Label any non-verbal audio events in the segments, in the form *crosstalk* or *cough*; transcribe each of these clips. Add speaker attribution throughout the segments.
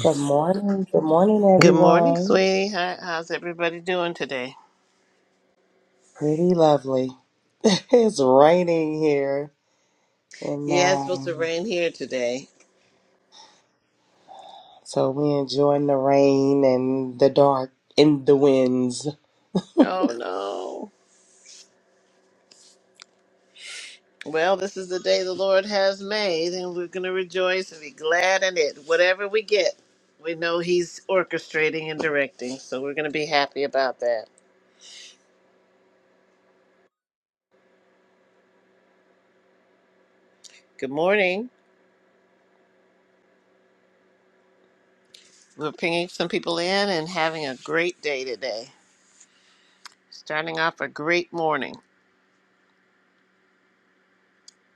Speaker 1: Good morning. Good morning,
Speaker 2: Good morning,
Speaker 1: everyone.
Speaker 2: sweetie. How, how's everybody doing today?
Speaker 1: Pretty lovely. *laughs* it's raining here, and
Speaker 2: Yeah, it's supposed to
Speaker 1: um,
Speaker 2: rain here today.
Speaker 1: so we enjoying the rain and the dark and the winds.
Speaker 2: Oh no. Well, this is the day the Lord has made, and we're going to rejoice and be glad in it. Whatever we get, we know He's orchestrating and directing, so we're going to be happy about that. Good morning. We're pinging some people in and having a great day today. Starting off a great morning.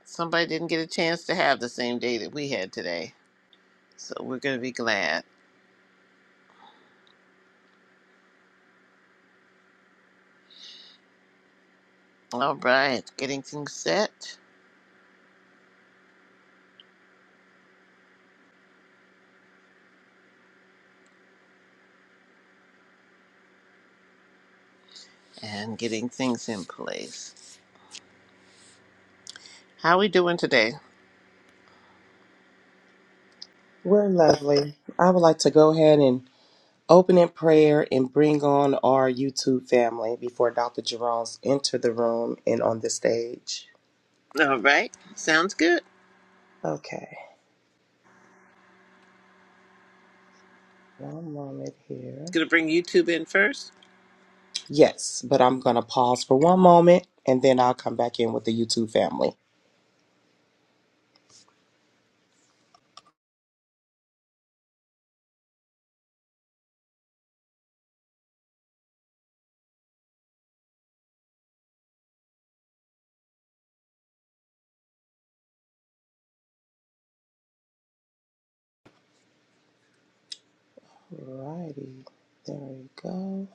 Speaker 2: Somebody didn't get a chance to have the same day that we had today, so we're going to be glad. All right, getting things set and getting things in place. How we doing today?
Speaker 1: We're lovely. I would like to go ahead and open in prayer and bring on our YouTube family before Dr. Jerome's enter the room and on the stage.
Speaker 2: All right, sounds good.
Speaker 1: Okay, one moment here.
Speaker 2: gonna bring YouTube in first.
Speaker 1: Yes, but I'm gonna pause for one moment and then I'll come back in with the YouTube family. Alrighty, there we go.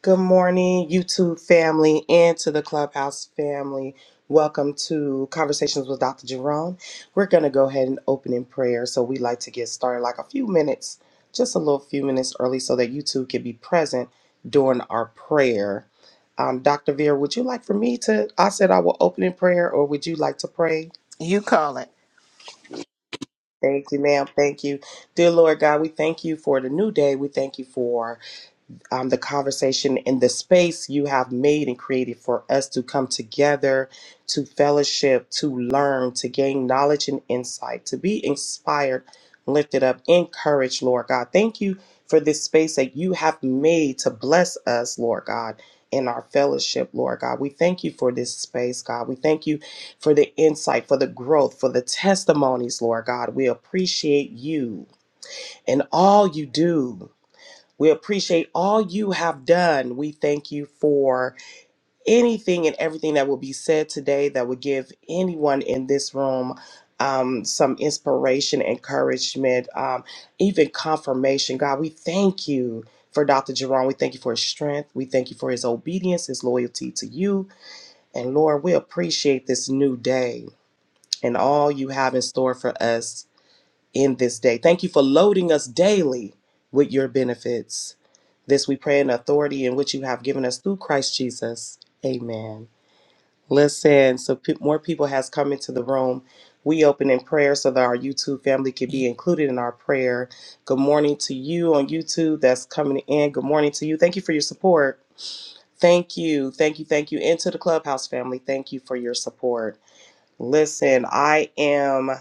Speaker 1: Good morning, YouTube family, and to the Clubhouse family. Welcome to Conversations with Dr. Jerome. We're going to go ahead and open in prayer. So, we like to get started like a few minutes, just a little few minutes early, so that you two can be present during our prayer. Um, Dr. Vera, would you like for me to? I said I will open in prayer, or would you like to pray?
Speaker 2: You call it.
Speaker 1: Thank you, ma'am. Thank you. Dear Lord God, we thank you for the new day. We thank you for um, the conversation and the space you have made and created for us to come together, to fellowship, to learn, to gain knowledge and insight, to be inspired, lifted up, encouraged, Lord God. Thank you for this space that you have made to bless us, Lord God. In our fellowship, Lord God, we thank you for this space, God. We thank you for the insight, for the growth, for the testimonies, Lord God. We appreciate you and all you do. We appreciate all you have done. We thank you for anything and everything that will be said today that will give anyone in this room um, some inspiration, encouragement, um, even confirmation. God, we thank you for Dr. Jerome. We thank you for his strength. We thank you for his obedience, his loyalty to you. And Lord, we appreciate this new day and all you have in store for us in this day. Thank you for loading us daily with your benefits. This we pray in authority in which you have given us through Christ Jesus. Amen. Listen, so pe- more people has come into the room. We open in prayer so that our YouTube family could be included in our prayer. Good morning to you on YouTube that's coming in. Good morning to you. Thank you for your support. Thank you. Thank you. Thank you. And to the Clubhouse family, thank you for your support. Listen, I am.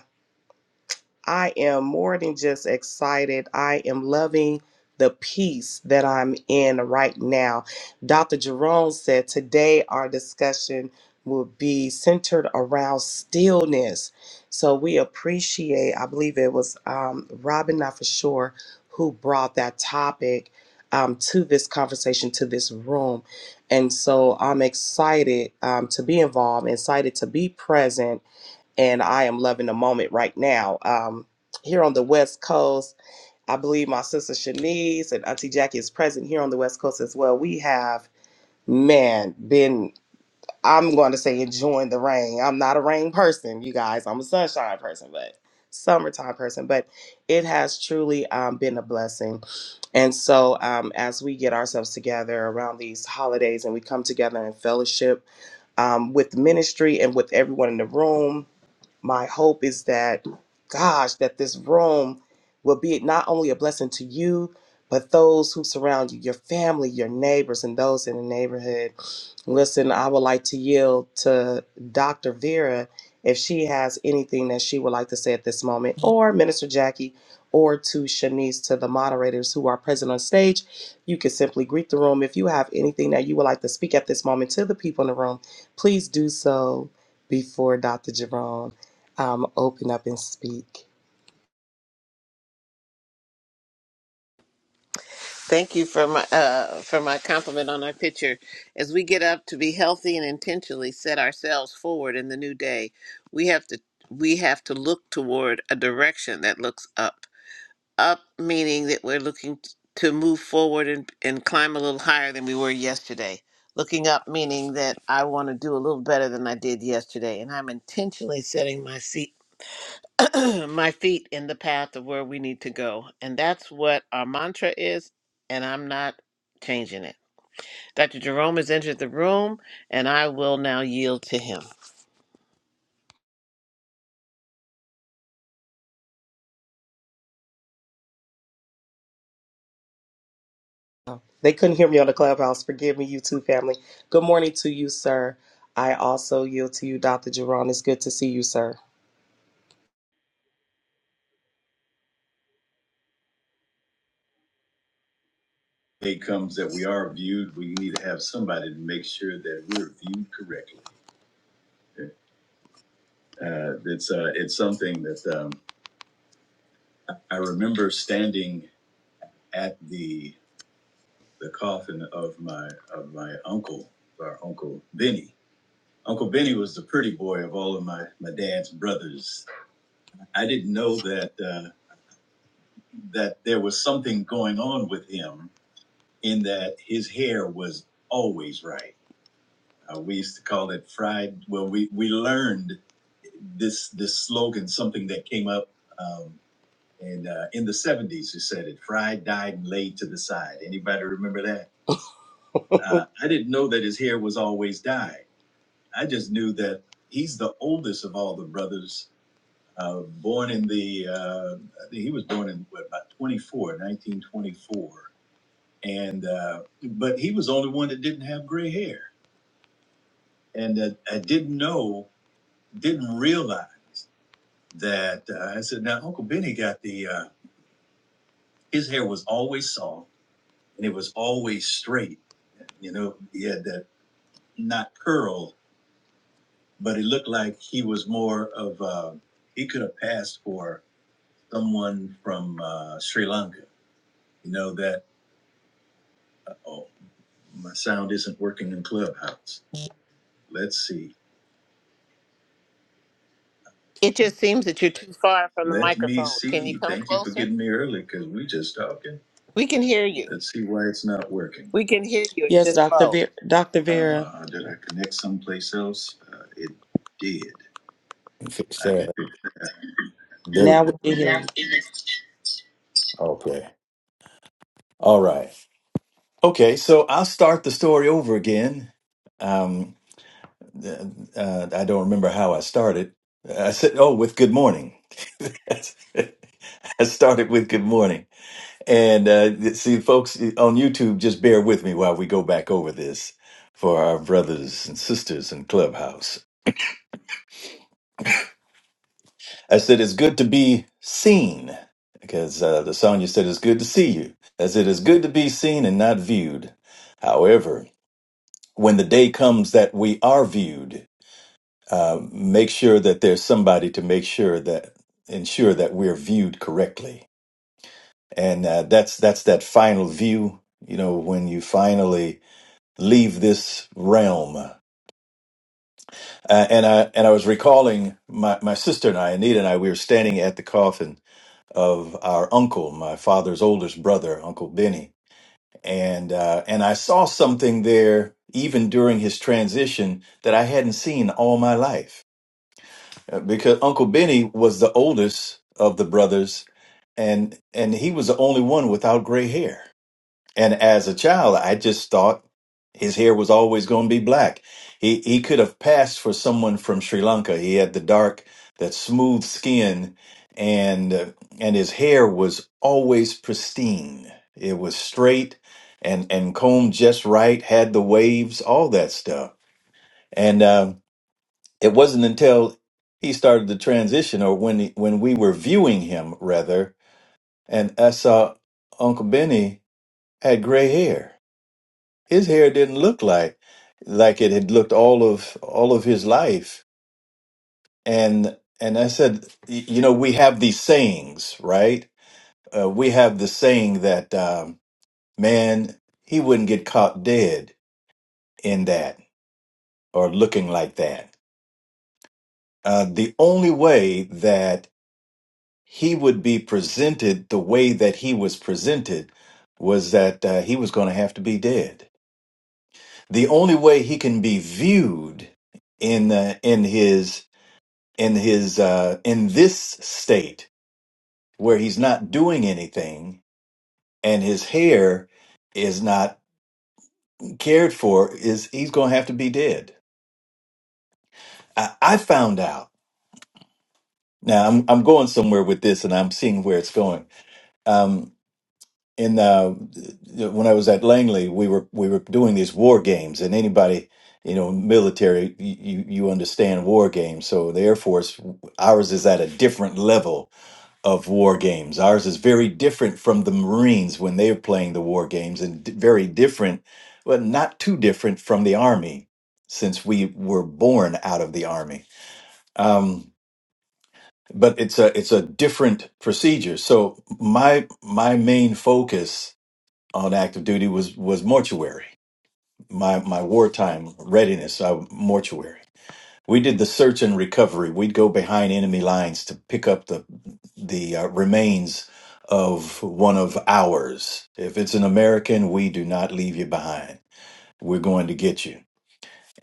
Speaker 1: I am more than just excited. I am loving the peace that I'm in right now. Dr. Jerome said today our discussion will be centered around stillness. So we appreciate, I believe it was um, Robin, not for sure, who brought that topic um, to this conversation, to this room. And so I'm excited um, to be involved, excited to be present and I am loving the moment right now. Um, here on the West Coast, I believe my sister Shanice and Auntie Jackie is present here on the West Coast as well. We have, man, been, I'm going to say, enjoying the rain. I'm not a rain person, you guys. I'm a sunshine person, but summertime person. But it has truly um, been a blessing. And so um, as we get ourselves together around these holidays and we come together in fellowship um, with the ministry and with everyone in the room, my hope is that, gosh, that this room will be not only a blessing to you, but those who surround you, your family, your neighbors, and those in the neighborhood. Listen, I would like to yield to Dr. Vera if she has anything that she would like to say at this moment, or Minister Jackie, or to Shanice, to the moderators who are present on stage. You can simply greet the room. If you have anything that you would like to speak at this moment to the people in the room, please do so before Dr. Jerome um, open up and speak.
Speaker 2: Thank you for my uh, for my compliment on our picture. As we get up to be healthy and intentionally set ourselves forward in the new day, we have to we have to look toward a direction that looks up. up meaning that we're looking t- to move forward and, and climb a little higher than we were yesterday. Looking up meaning that I want to do a little better than I did yesterday, and I'm intentionally setting my seat, *clears throat* my feet in the path of where we need to go, and that's what our mantra is, and I'm not changing it. Dr. Jerome has entered the room, and I will now yield to him.
Speaker 1: They couldn't hear me on the clubhouse. Forgive me, you two family. Good morning to you, sir. I also yield to you, Dr. Jerron. It's good to see you, sir. day comes that we are viewed, we need to have somebody to make sure that we're viewed correctly. Uh, it's uh, it's something that um, I remember standing at the the coffin of my of my uncle, our uncle Benny, Uncle Benny was the pretty boy of all of my, my dad's brothers. I didn't know that uh, that there was something going on with him in that his hair was always right. Uh, we used to call it fried. Well, we, we learned this this slogan, something that came up um, and uh, in the 70s, who said it, fried, dyed, and laid to the side. Anybody remember that? *laughs* Uh, I didn't know that his hair was always dyed. I just knew that he's the oldest of all the brothers uh, born in the, uh, I think he was born in what, about 24, 1924. And, uh, but he was the only one that didn't have gray hair. And uh, I didn't know, didn't realize that uh, I said, now Uncle Benny got the, uh, his hair was always soft and it was always straight. You know, he had that not curl, but it looked like he was more of, uh, he could have passed for someone from uh, Sri Lanka, you know, that oh. My sound isn't working in Clubhouse. Let's see.
Speaker 2: It just seems that you're too far from the
Speaker 1: Let me
Speaker 2: microphone. Can you
Speaker 1: see.
Speaker 2: come
Speaker 1: Thank you for
Speaker 2: closer?
Speaker 1: getting me early because we just talking.
Speaker 2: We can hear you.
Speaker 1: Let's see why it's not working.
Speaker 2: We can hear you. It's
Speaker 1: Yes,
Speaker 2: just
Speaker 1: Dr.
Speaker 2: low.
Speaker 1: Ver- Dr. Vera. Uh, did I connect someplace else? Uh, it did.
Speaker 3: and fix
Speaker 1: I can
Speaker 3: that.
Speaker 1: hear
Speaker 3: There
Speaker 1: Now
Speaker 3: we go.
Speaker 1: we can now. hear you. you.
Speaker 3: Okay. All right. Okay. So I'll start the story over again. Um, th- uh, I don't remember how I started. I said, "Oh, with good morning." *laughs* I started with good morning, and uh, see, folks on YouTube, just bear with me while we go back over this for our brothers and sisters in Clubhouse. I said it's good to be seen because uh, the song you said it's good to see you. I said it's good to be seen and not viewed. However, when the day comes that we are viewed, uh, make sure that there's somebody to make sure that ensure that we're viewed correctly. And uh, that's that's that final view. You know, when you finally leave this realm. Uh, and I and I was recalling my, my sister and I, Anita and I, we were standing at the coffin of our uncle, my father's oldest brother, Uncle Benny. And uh, and I saw something there even during his transition that I hadn't seen all my life Uh, because Uncle Benny was the oldest of the brothers, and and he was the only one without gray hair. And as a child, I just thought his hair was always going to be black. He he could have passed for someone from Sri Lanka. He had the dark, that smooth skin, and uh, and his hair was always pristine. It was straight and and combed just right. Had the waves, all that stuff. And uh, it wasn't until he started the transition, or when he, when we were viewing him rather, and I saw Uncle Benny had gray hair his hair didn't look like like it had looked all of all of his life and and i said y- you know we have these sayings right uh, we have the saying that um, man he wouldn't get caught dead in that or looking like that uh, the only way that he would be presented the way that he was presented was that uh, he was going to have to be dead the only way he can be viewed in uh, in his in his uh, in this state where he's not doing anything and his hair is not cared for is he's going to have to be dead I, I found out now I'm, I'm going somewhere with this and i'm seeing where it's going um, in uh, when i was at langley we were we were doing these war games and anybody you know military you, you you understand war games so the air force ours is at a different level of war games. Ours is very different from the Marines when they are playing the war games, and d- very different, well, not too different from the Army, since we were born out of the Army. Um, but it's a it's a different procedure. So my my main focus on active duty was was mortuary. My my wartime readiness, I, mortuary. We did the search and recovery. We'd go behind enemy lines to pick up the the uh, remains of one of ours. If it's an American, we do not leave you behind. We're going to get you.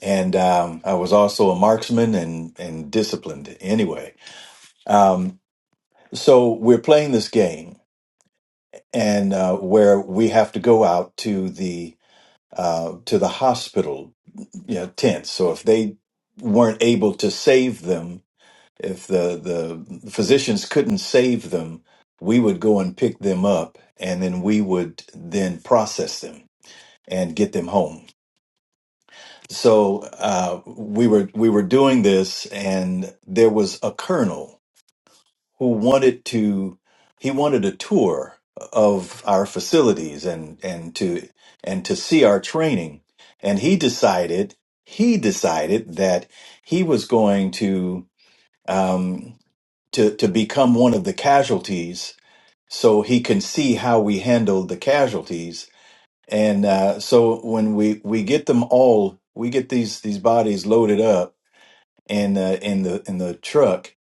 Speaker 3: And um, I was also a marksman and and disciplined anyway. Um, so we're playing this game, and uh, where we have to go out to the uh, to the hospital you know, tents. So if they weren't able to save them if the the physicians couldn't save them we would go and pick them up and then we would then process them and get them home so uh, we were we were doing this and there was a colonel who wanted to he wanted a tour of our facilities and and to and to see our training and he decided he decided that he was going to um, to to become one of the casualties so he can see how we handle the casualties and uh, so when we we get them all we get these these bodies loaded up in uh, in the in the truck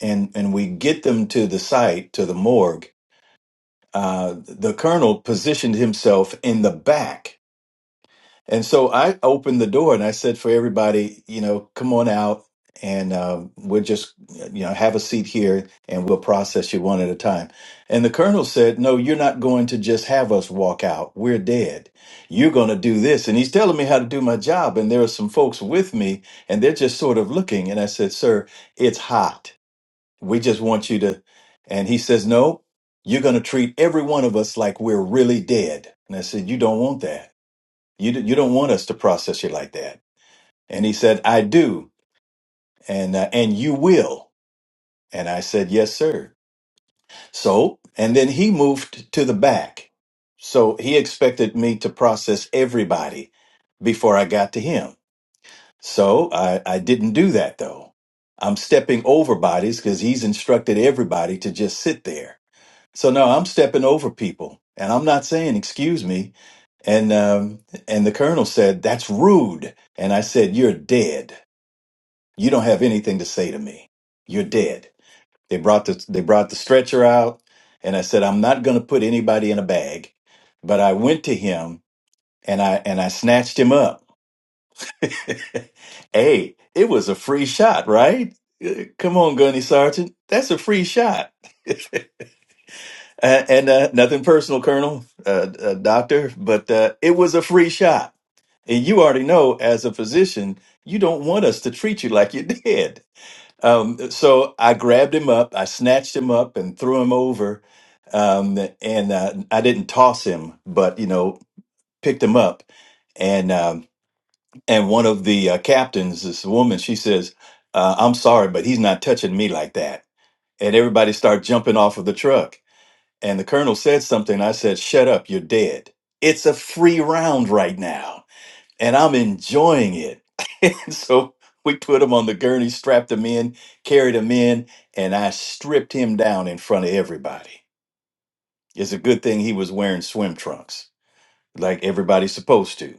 Speaker 3: and and we get them to the site to the morgue uh, the colonel positioned himself in the back And so I opened the door and I said for everybody, you know, come on out and um, we'll just, you know, have a seat here and we'll process you one at a time. And the colonel said, no, you're not going to just have us walk out. We're dead. You're going to do this. And he's telling me how to do my job. And there are some folks with me and they're just sort of looking. And I said, sir, it's hot. We just want you to. And he says, no, you're going to treat every one of us like we're really dead. And I said, you don't want that. You d- you don't want us to process you like that." And he said, "I do, and uh, and you will." And I said, "Yes, sir." So, and then he moved to the back. So he expected me to process everybody before I got to him. So I, I didn't do that though. I'm stepping over bodies because he's instructed everybody to just sit there. So no, I'm stepping over people, and I'm not saying excuse me. And um, and the colonel said that's rude, and I said you're dead. You don't have anything to say to me. You're dead. They brought the they brought the stretcher out, and I said I'm not going to put anybody in a bag, but I went to him and I and I snatched him up. *laughs* hey, it was a free shot, right? Uh, Come on, Gunny Sergeant, that's a free shot. *laughs* Uh, and uh, nothing personal, Colonel, uh, uh, Doctor, but uh, it was a free shot. And you already know, as a physician, you don't want us to treat you like you *laughs* did. Um, so I grabbed him up, I snatched him up, and threw him over. Um, and uh, I didn't toss him, but you know, picked him up. And um, and one of the uh, captains, this woman, she says, uh, "I'm sorry, but he's not touching me like that." And everybody started jumping off of the truck and the colonel said something. I said, Shut up, you're dead. It's a free round right now, and I'm enjoying it. *laughs* so we put him on the gurney, strapped him in, carried him in, and I stripped him down in front of everybody. It's a good thing he was wearing swim trunks, like everybody's supposed to.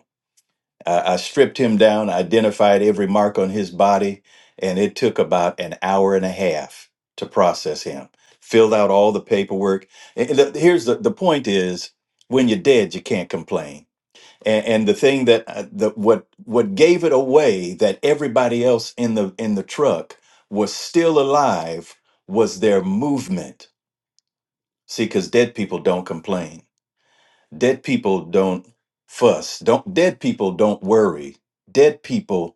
Speaker 3: I, I stripped him down, identified every mark on his body, and it took about an hour and a half to process him. Filled out all the paperwork. And the- here's the, the point is when you're dead, you can't complain. And, and the thing that uh, the, what what gave it away that everybody else in the in the truck was still alive was their movement. See, because dead people don't complain. Dead people don't fuss. Don't dead people don't worry dead people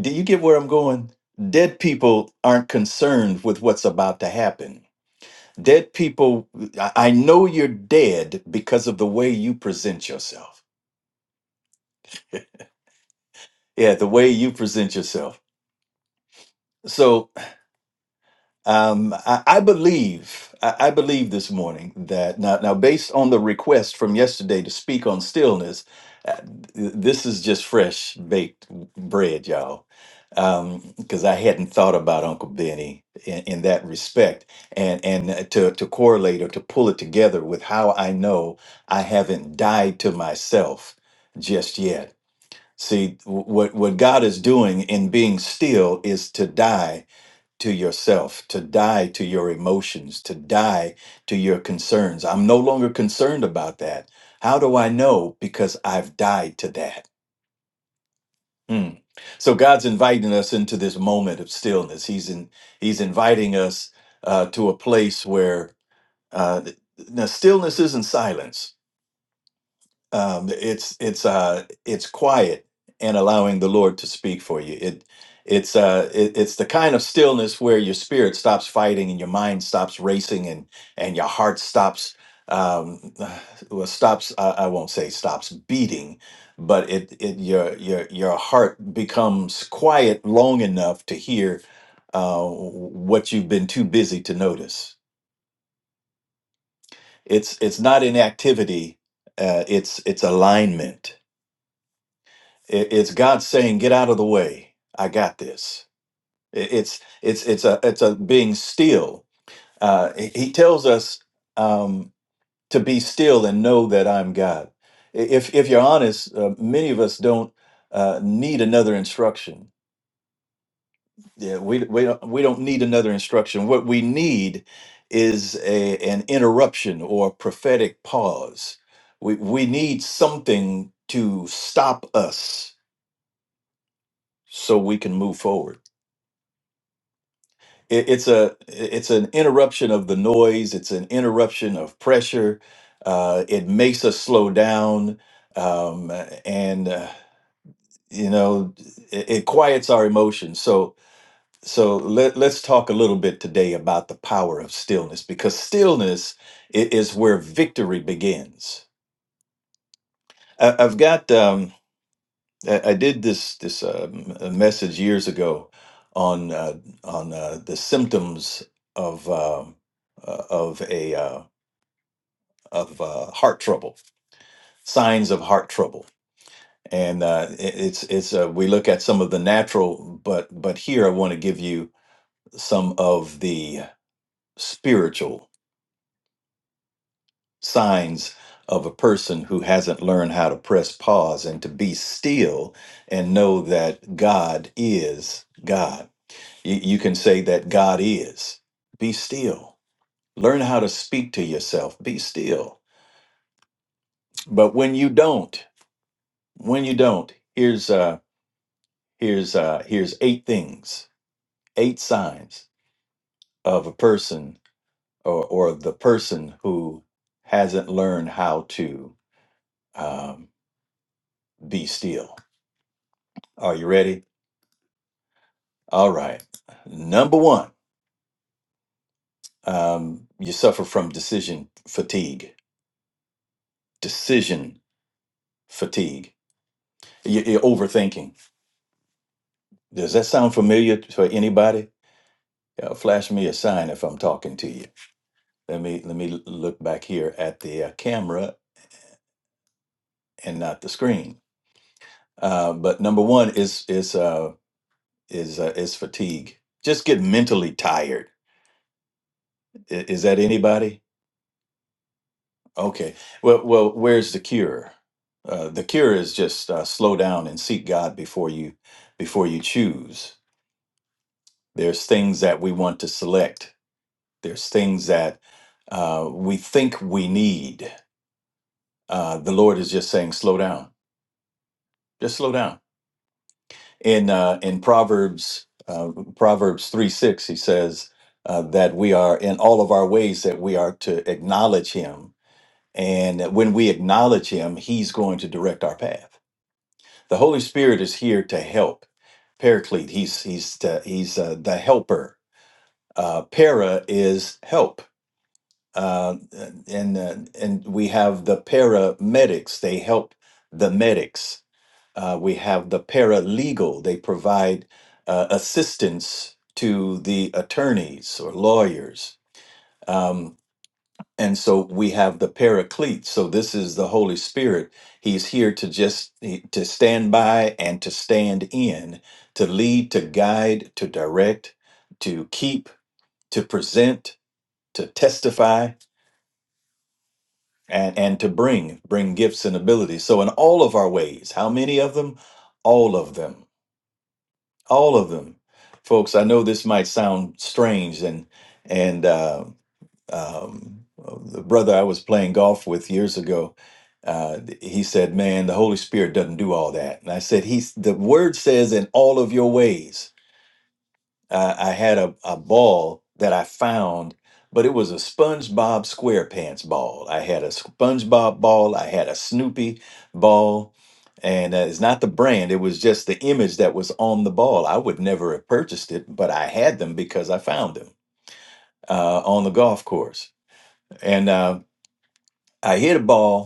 Speaker 3: do you get where I'm going? Dead people aren't concerned with what's about to happen. Dead people, I I know you're dead because of the way you present yourself. Yeah, the way you present yourself. So. Um, I, I believe, I, I believe this morning that now, now, based on the request from yesterday to speak on stillness, uh, th- this is just fresh baked bread, y'all. Um, because I hadn't thought about Uncle Benny in, in that respect, and and uh, to to correlate or to pull it together with how I know I haven't died to myself just yet. See, w- what what God is doing in being still is to die to yourself, to die to your emotions, to die to your concerns. I'm no longer concerned about that. How do I know? Because I've died to that. Hmm. So God's inviting us into this moment of stillness. He's in, He's inviting us uh, to a place where uh, th- now stillness isn't silence. um, it's it's uh it's quiet and allowing the Lord to speak for you. It it's uh it, it's the kind of stillness where your spirit stops fighting and your mind stops racing and and your heart stops um *sighs* well stops I, I won't say stops beating but it it your your your heart becomes quiet long enough to hear uh what you've been too busy to notice it's it's not inactivity uh it's it's alignment It- it's God saying, "Get out of the way. I got this." It- It's it's it's a it's a being still. Uh, he he tells us um, to be still and know that I'm God. I- If if you're honest, uh, many of us don't uh, need another instruction. Yeah, we we don't we don't need another instruction. What we need is a an interruption or prophetic pause. We we need something to stop us so we can move forward it, it's a it's an interruption of the noise it's an interruption of pressure uh, it makes us slow down um, and uh, you know it, it quiets our emotions so so let, let's talk a little bit today about the power of stillness because stillness i- is where victory begins I, i've got um, I, I did this this um, uh, message years ago on uh, on uh, the symptoms of uh, uh, of a uh, of uh, heart trouble, signs of heart trouble, and uh, it, it's it's uh, we look at some of the natural, but but here I want to give you some of the spiritual signs of a person who hasn't learned how to press pause and to be still and know that God is God You, you can say that God is. Be still. Learn how to speak to yourself. Be still. But when you don't, when you don't, here's uh here's uh here's eight things, eight signs of a person or or the person who hasn't learned how to um, be still. Are you ready? All right. Number one, um, you suffer from decision fatigue. Decision fatigue. You- You're overthinking Does that sound familiar for anybody? Uh, flash me a sign if I'm talking to you. Let me let me look back here at the uh, camera and not the screen. Uh, but number one is is uh, is uh, is fatigue. Just get mentally tired. I- is that anybody? Okay. Well, well, where's the cure? Uh, the cure is just uh, slow down and seek God before you before you choose. There's things that we want to select. There's things that uh, we think we need uh, the Lord is just saying, slow down, just slow down. In uh, in Proverbs uh, Proverbs three six, he says uh, that we are in all of our ways that we are to acknowledge Him, and that when we acknowledge Him, He's going to direct our path. The Holy Spirit is here to help. Paraclete, he's he's the, he's uh, the helper. Uh, para is help, uh, and uh, and we have the paramedics. They help the medics Uh, we have the paralegal. They provide uh, assistance to the attorneys or lawyers. Um, and so we have the paraclete. So this is the Holy Spirit. He's here to just to stand by and to stand in, to lead, to guide, to direct, to keep, to present, to testify, and, and to bring, bring gifts and abilities. So in all of our ways, how many of them? All of them all of them folks i know this might sound strange and and uh, um, the brother i was playing golf with years ago uh, he said man the holy spirit doesn't do all that and i said he's the word says in all of your ways uh, I had a, a ball that I found, but it was a SpongeBob SquarePants ball. I had a SpongeBob ball, I had a Snoopy ball, and uh, it's not the brand, it was just the image that was on the ball. I would never have purchased it, but I had them because I found them uh, on the golf course. And uh, I hit a ball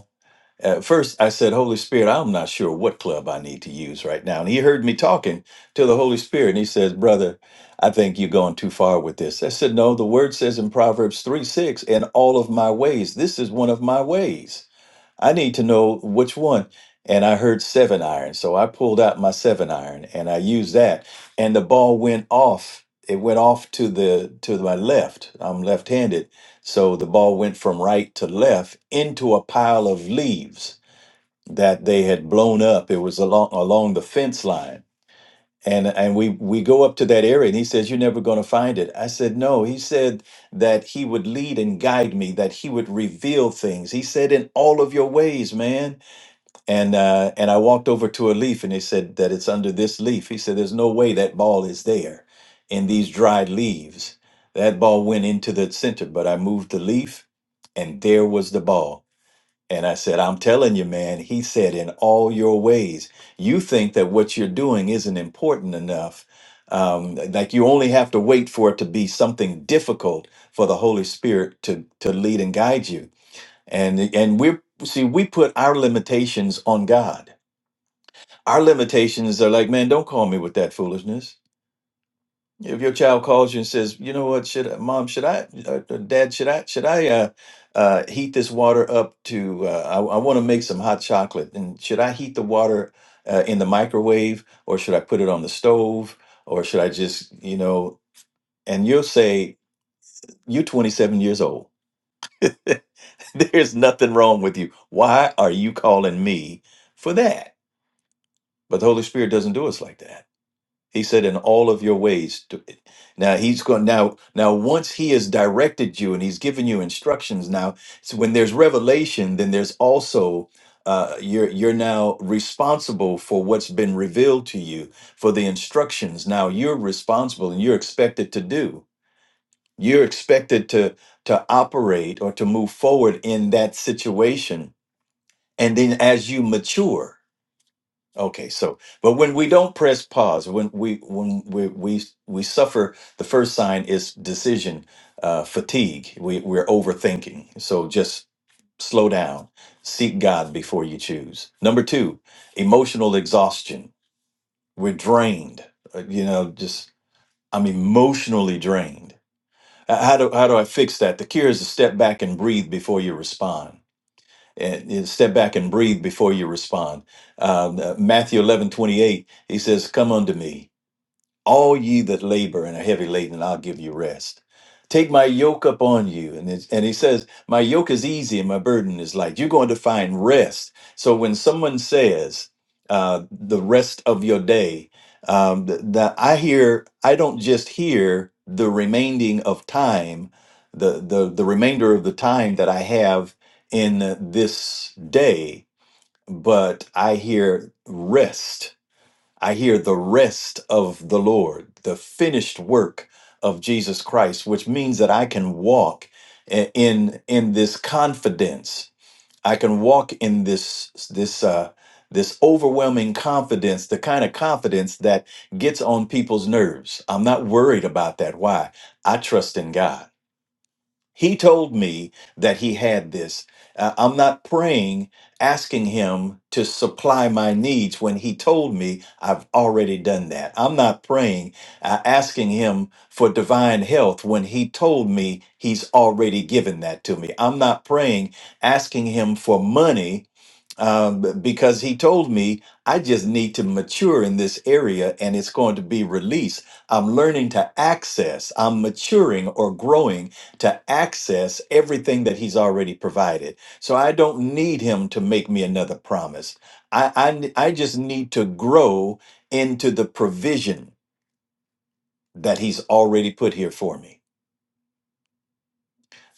Speaker 3: at first, I said, Holy Spirit, I'm not sure what club I need to use right now. And he heard me talking to the Holy Spirit, and he says, Brother, I think you're going too far with this. I said, No, the word says in Proverbs 3 6, in all of my ways, this is one of my ways. I need to know which one. And I heard seven iron. So I pulled out my seven iron and I used that. And the ball went off. It went off to the to my left. I'm left-handed. So the ball went from right to left into a pile of leaves that they had blown up. It was along along the fence line. And and we we go up to that area and he says, You're never gonna find it. I said, No. He said that he would lead and guide me, that he would reveal things. He said, In all of your ways, man. And uh and I walked over to a leaf and he said that it's under this leaf. He said, There's no way that ball is there in these dried leaves. That ball went into the center, but I moved the leaf and there was the ball. And I said, I'm telling you, man, he said, in all your ways, you think that what you're doing isn't important enough. Um, like you only have to wait for it to be something difficult for the Holy Spirit to, to lead and guide you. And, and we're, see, we put our limitations on God. Our limitations are like, man, don't call me with that foolishness if your child calls you and says, "You know what? Should I, mom? Should I? Uh, uh, dad? Should I? Should I uh, uh, heat this water up to? Uh, I, I want to make some hot chocolate. And should I heat the water uh, in the microwave, or should I put it on the stove, or should I just, you know?" And you'll say, "You're 27 years old. *laughs* There's nothing wrong with you. Why are you calling me for that?" But the Holy Spirit doesn't do us like that. He said, "In all of your ways." do it." Now he's going. Now, now, once he has directed you and he's given you instructions, now so when there's revelation, then there's also uh, you're you're now responsible for what's been revealed to you for the instructions. Now you're responsible and you're expected to do. You're expected to to operate or to move forward in that situation. And then as you mature, Okay, so but when we don't press pause, when we when we we we suffer, the first sign is decision uh, fatigue. We we're overthinking. So just slow down, seek God before you choose. Number two, emotional exhaustion. We're drained. Uh, You know, just I'm emotionally drained. Uh, How do how do I fix that? The cure is to step back and breathe before you respond and you step back and breathe before you respond. Um, uh, Matthew eleven twenty eight, he says, Come unto me. All ye that labor and are heavy laden, and I'll give you rest. Take my yoke upon you. And, it's, and he says, My yoke is easy and my burden is light. You're going to find rest. So when someone says, uh, The rest of your day, um, th- that I hear, I don't just hear the remaining of time, the, the, the remainder of the time that I have in this day, but I hear rest I hear the rest of the Lord, the finished work of Jesus Christ, which means that I can walk i- in in this confidence. I can walk in this this uh this overwhelming confidence, the kind of confidence that gets on people's nerves. I'm not worried about that. Why? I trust in God. He told me that he had this. Uh, I'm not praying, asking him to supply my needs when he told me I've already done that. I'm not praying, uh, asking him for divine health when he told me he's already given that to me. I'm not praying, asking him for money um, b- because he told me I just need to mature in this area and it's going to be released. I'm learning to access, I'm maturing or growing to access everything that he's already provided. So I don't need him to make me another promise. I, I, n- I just need to grow into the provision that he's already put here for me.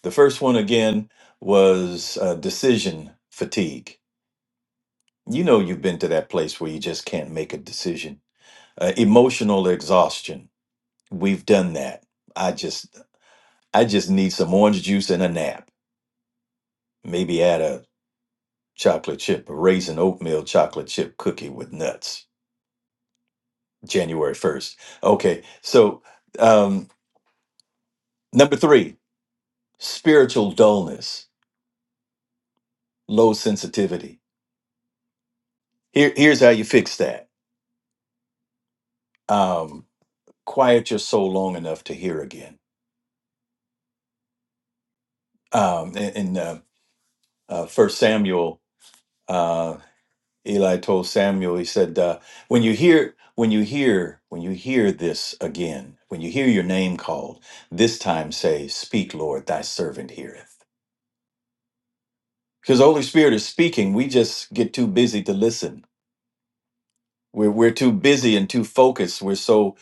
Speaker 3: The first one again was uh, decision fatigue. You know, you've been to that place where you just can't make a decision uh, emotional exhaustion we've done that i just i just need some orange juice and a nap maybe add a chocolate chip a raisin oatmeal chocolate chip cookie with nuts january 1st okay so um number three spiritual dullness low sensitivity Here, here's how you fix that um quiet your soul long enough to hear again um in, in uh, uh, first samuel uh, Eli told Samuel, he said, uh, "When you hear, when you hear, when you hear this again, when you hear your name called, this time say, Speak, Lord, thy servant heareth.'" Because the Holy Spirit is speaking, we just get too busy to listen. We're we're too busy and too focused. We're so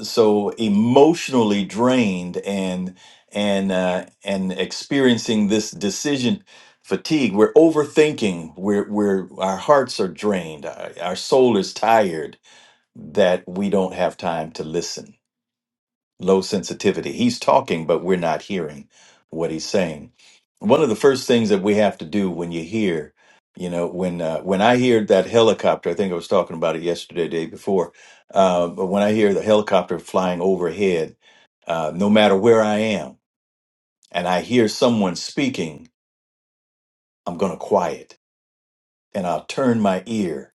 Speaker 3: so emotionally drained and and uh, and experiencing this decision fatigue. We're overthinking. We're we're our hearts are drained. Our, our soul is tired that we don't have time to listen. Low sensitivity. He's talking, but we're not hearing what he's saying. One of the first things that we have to do when you hear, you know, when uh, when I hear that helicopter, I think I was talking about it yesterday, day before. Uh, but when I hear the helicopter flying overhead, uh, no matter where I am, and I hear someone speaking, I'm going to quiet and I'll turn my ear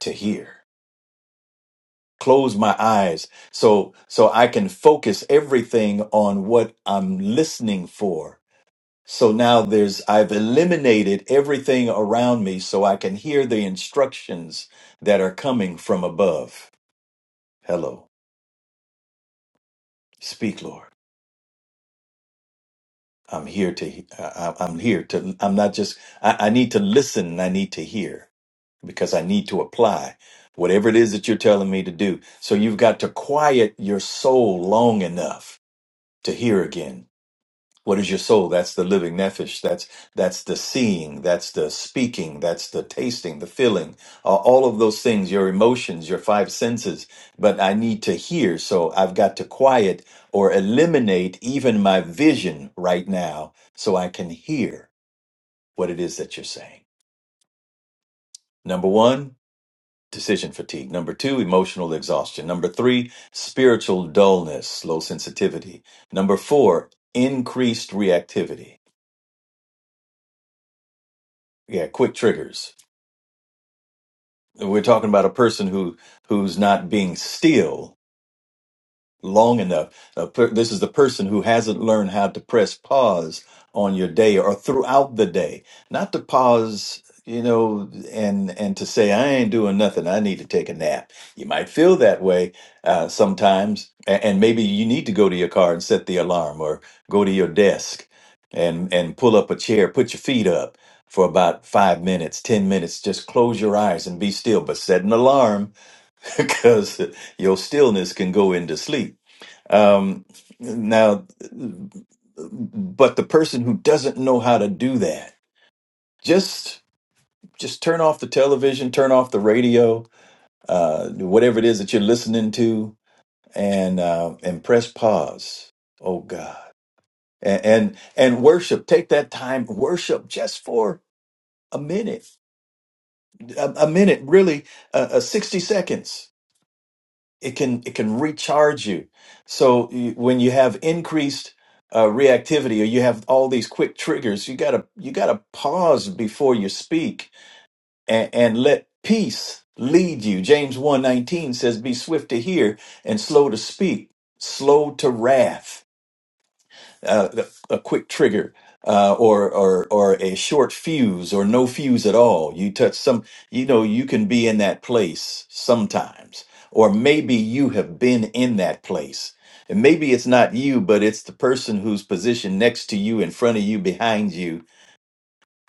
Speaker 3: to hear. close my eyes so so i can focus everything on what i'm listening for so now there's i've eliminated everything around me so i can hear the instructions that are coming from above hello speak lord i'm here to I, I- am here to i'm not just I, I need to listen and i need to hear because i need to apply whatever it is that you're telling me to do so you've got to quiet your soul long enough to hear again What is your soul? That's the living nefesh. That's that's the seeing. That's the speaking. That's the tasting, the feeling. Uh, all of those things, your emotions, your five senses. But I need to hear, so I've got to quiet or eliminate even my vision right now, so I can hear what it is that you're saying. Number one, decision fatigue. Number two, emotional exhaustion. Number three, spiritual dullness, low sensitivity. Number four, increased reactivity. Yeah, quick triggers We're talking about a person who who's not being still, long enough. A per- this is the person who hasn't learned how to press pause on your day or throughout the day, not to pause, you know, and and to say I ain't doing nothing. I need to take a nap. You might feel that way uh, sometimes, and, and maybe you need to go to your car and set the alarm, or go to your desk and and pull up a chair, put your feet up. For about five minutes, 10 minutes, just close your eyes and be still, but set an alarm *laughs* because your stillness can go into sleep um, now, but the person who doesn't know how to do that, just just turn off the television, turn off the radio, uh, whatever it is that you're listening to, and uh, and press pause. Oh God, and, and and worship. Take that time, worship just for a minute, a, a minute, really, uh, uh, sixty seconds it can it can recharge you so you- when you have increased uh, reactivity or you have all these quick triggers you gotta you gotta pause before you speak and, and let peace lead you james one nineteen says be swift to hear and slow to speak slow to wrath uh, a quick trigger uh, or or or a short fuse or no fuse at all. You touch some, you know, you can be in that place sometimes, or maybe you have been in that place. And maybe it's not you, but it's the person who's positioned next to you, in front of you, behind you,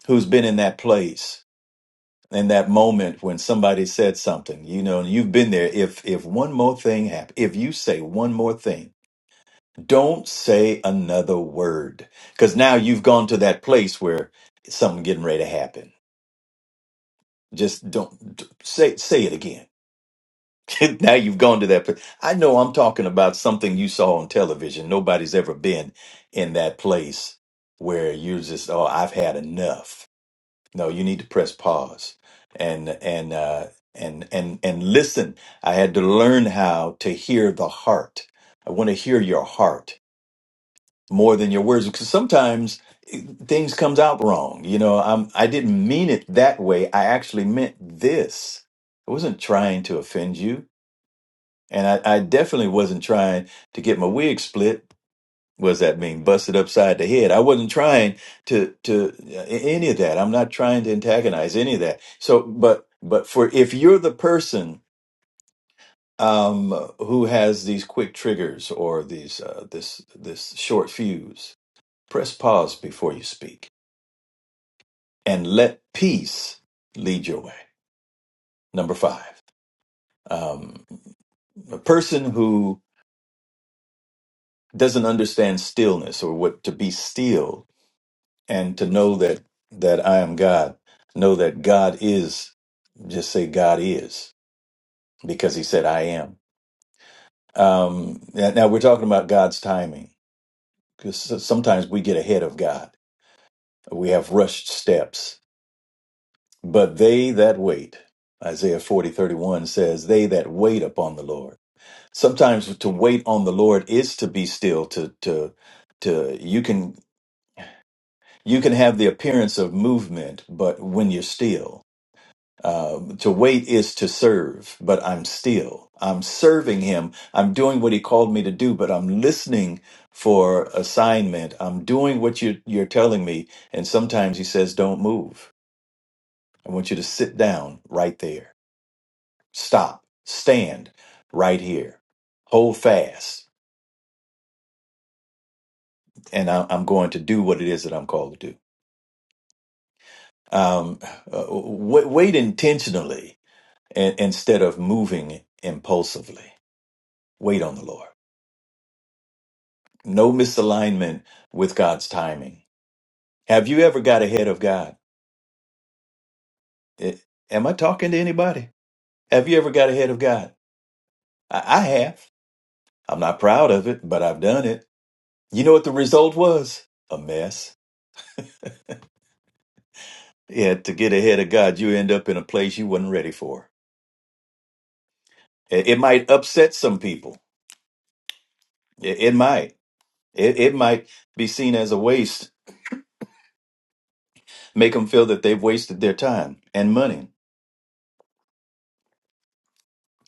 Speaker 3: who's been in that place, in that moment when somebody said something, you know, and you've been there. If if one more thing happens, if you say one more thing, don't say another word because now you've gone to that place where something getting ready to happen. Just don't d- say say it again. *laughs* now you've gone to that place. I know I'm talking about something you saw on television. Nobody's ever been in that place where you're just oh I've had enough. No, you need to press pause and and uh, and and and listen. I had to learn how to hear the heart. I want to hear your heart. more than your words because sometimes eh, things comes out wrong you know i'm i didn't mean it that way i actually meant this i wasn't trying to offend you and i, I definitely wasn't trying to get my wig split what does that mean busted upside the head i wasn't trying to to eh, any of that i'm not trying to antagonize any of that so but but for if you're the person um who has these quick triggers or these uh this this short fuse Press pause before you speak and let peace lead your way. Number five, um, a person who doesn't understand stillness or what to be still and to know that that I am God, know that God is, just say God is because he said I am. Um, now now we're talking about God's timing because sometimes we get ahead of God. We have rushed steps But they that wait, Isaiah forty thirty one says, they that wait upon the Lord. Sometimes to wait on the Lord is to be still, to, to, to, you can, you can have the appearance of movement, but when you're still, uh, to wait is to serve, but I'm still. I'm serving him. I'm doing what he called me to do, but I'm listening for assignment. I'm doing what you, you're telling me. And sometimes he says, don't move. I want you to sit down right there. stop, stand right here, hold fast, and I, I'm going to do what it is that I'm called to do. Um, uh, wait, wait intentionally and, instead of moving impulsively. Wait on the Lord. No misalignment with God's timing. Have you ever got ahead of God? It, am I talking to anybody? Have you ever got ahead of God? I, I have. I'm not proud of it, but I've done it. You know what the result was? A mess. Yeah, to get ahead of God, you end up in a place you wasn't ready for. It, it might upset some people. It, it might. It, it might be seen as a waste, make them feel that they've wasted their time and money.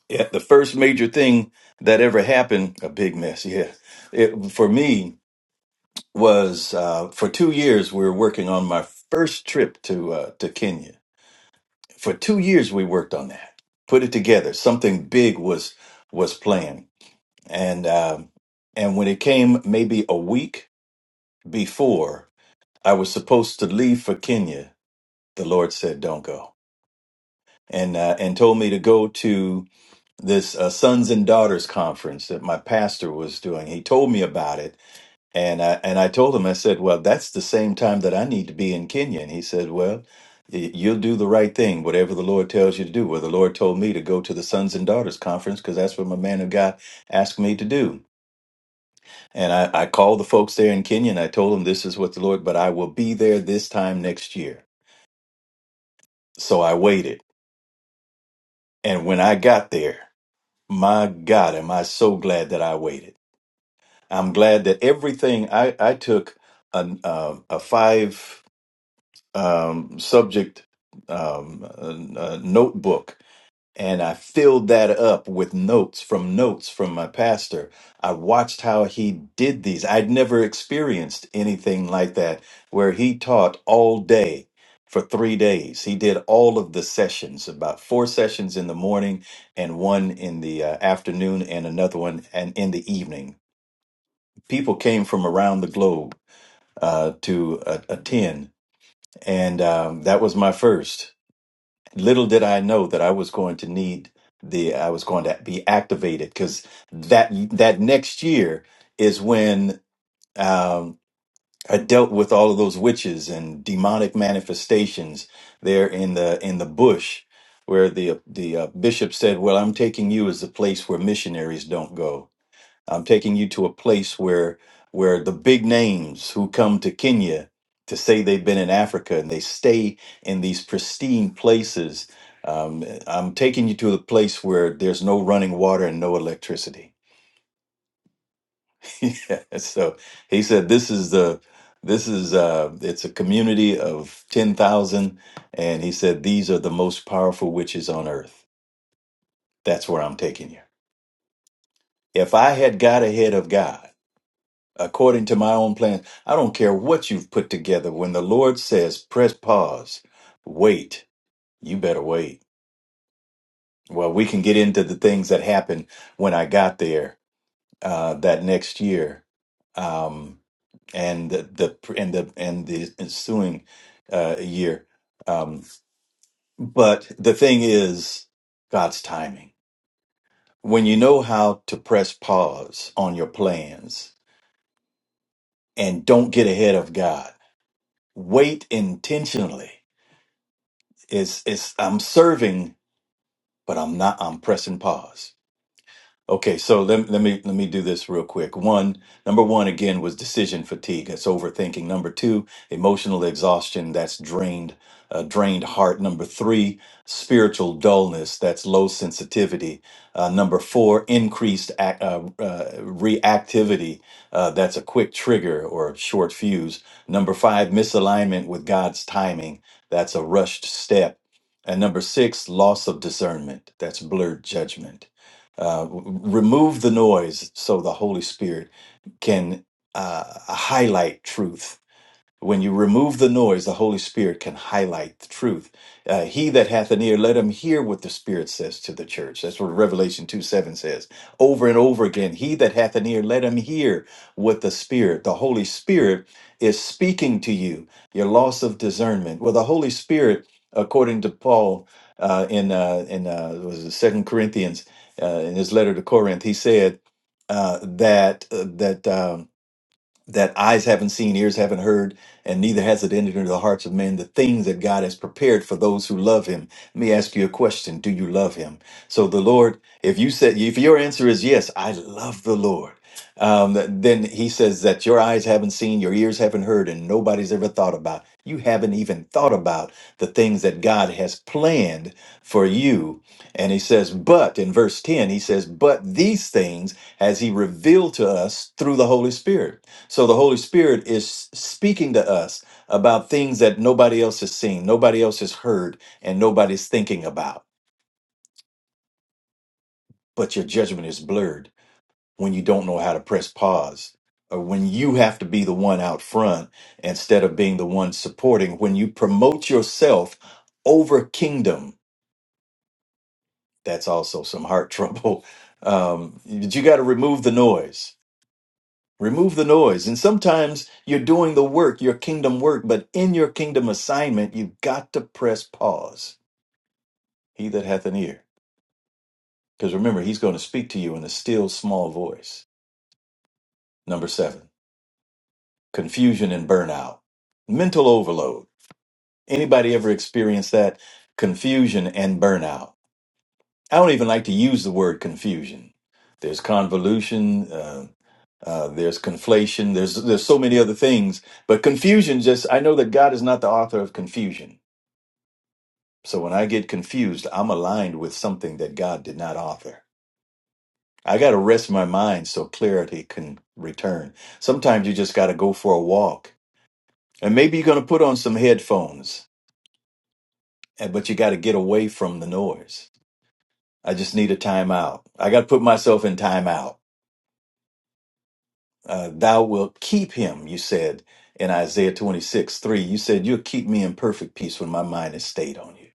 Speaker 3: Yeah, the first major thing that ever happened, a big mess, yeah, it, for me was uh, for two years we were working on my first trip to uh, to Kenya. For two years we worked on that, put it together. Something big was was planned and um, and when it came maybe a week before I was supposed to leave for Kenya, the Lord said, "Don't go," and uh, and told me to go to this uh, sons and daughters conference that my pastor was doing. He told me about it, and I, and I told him, I said, "Well, that's the same time that I need to be in Kenya," and he said, "Well." y- You'll do the right thing, whatever the Lord tells you to do. Well, the Lord told me to go to the Sons and Daughters Conference because that's what my man of God asked me to do. And I, I called the folks there in Kenya and I told them this is what the Lord, but I will be there this time next year. So I waited. And when I got there, my God, am I so glad that I waited. I'm glad that everything I, I took an, uh, a five um, subject um, uh, uh, notebook and I filled that up with notes from notes from my pastor. I watched how he did these. I'd never experienced anything like that where he taught all day for three days. He did all of the sessions, about four sessions in the morning and one in the uh, afternoon and another one and in the evening. People came from around the globe uh, to uh, attend, and um, that was my first little did I know that I was going to need the I was going to be activated because that that next year is when um, I dealt with all of those witches and demonic manifestations there in the in the bush where the the uh, bishop said, "Well, I'm taking you as the place where missionaries don't go." I'm taking you to a place where where the big names who come to Kenya to say they've been in Africa and they stay in these pristine places. Um, I'm taking you to a place where there's no running water and no electricity. *laughs* Yeah, So he said, "This is the this is uh, it's a community of ten thousand, and he said these are the most powerful witches on earth. That's where I'm taking you. If I had got ahead of God." according to my own plans. I don't care what you've put together. When the Lord says, press pause, wait, you better wait. Well, we can get into the things that happened when I got there uh, that next year. Um, and the the- and the and the ensuing uh, year. Um, but the thing is, God's timing. When you know how to press pause on your plans and don't get ahead of God, wait intentionally. It's it's I'm serving, but I'm not I'm pressing pause. Okay, so let, let me let me do this real quick. One, number one again was decision fatigue. That's overthinking. Number two, emotional exhaustion. That's drained, uh, drained heart. Number three, spiritual dullness. That's low sensitivity. Uh, number four, increased ac- uh, uh, reactivity. Uh, that's a quick trigger or a short fuse. Number five, misalignment with God's timing. That's a rushed step. And number six, loss of discernment. That's blurred judgment. Uh, remove the noise so the Holy Spirit can uh, highlight truth when you remove the noise, the Holy Spirit can highlight the truth. Uh, he that hath an ear, let him hear what the Spirit says to the church. That's what Revelation 2 7 says. Over and over again, he that hath an ear, let him hear what the Spirit, the Holy Spirit, is speaking to you. Your loss of discernment. Well, the Holy Spirit, according to Paul uh, in uh, in uh, was it Second Corinthians uh, in his letter to Corinth, he said uh, that uh, that. Um, that eyes haven't seen, ears haven't heard, and neither has it entered into the hearts of men, the things that God has prepared for those who love him. Let me ask you a question. Do you love him? So the Lord, if you said, if your answer is yes, I love the Lord, um, then he says that your eyes haven't seen, your ears haven't heard, and nobody's ever thought about. You haven't even thought about the things that God has planned for you. And he says, but in verse 10, he says, but these things has he revealed to us through the Holy Spirit. So the Holy Spirit is speaking to us about things that nobody else has seen, nobody else has heard, and nobody's thinking about. But your judgment is blurred when you don't know how to press pause. Or when you have to be the one out front instead of being the one supporting, when you promote yourself over kingdom that's also some heart *laughs* trouble. Um, but you got to remove the noise. Remove the noise. And sometimes you're doing the work, your kingdom work, but in your kingdom assignment, you've got to press pause. He that hath an ear. Because remember, he's going to speak to you in a still small voice. Number seven, confusion and burnout. Mental overload. Anybody ever experienced that? Confusion and burnout. I don't even like to use the word confusion. There's convolution, uh, uh, there's conflation, there's there's so many other things, but confusion just I know that God is not the author of confusion. So when I get confused, I'm aligned with something that God did not author. I got to rest my mind so clarity can return. Sometimes you just got to go for a walk. And maybe you're going to put on some headphones, and- but you got to get away from the noise. I just need a timeout. I got to put myself in timeout. uh, thou wilt keep him, you said in Isaiah 26, 3. You said, You'll keep me in perfect peace when my mind is stayed on you.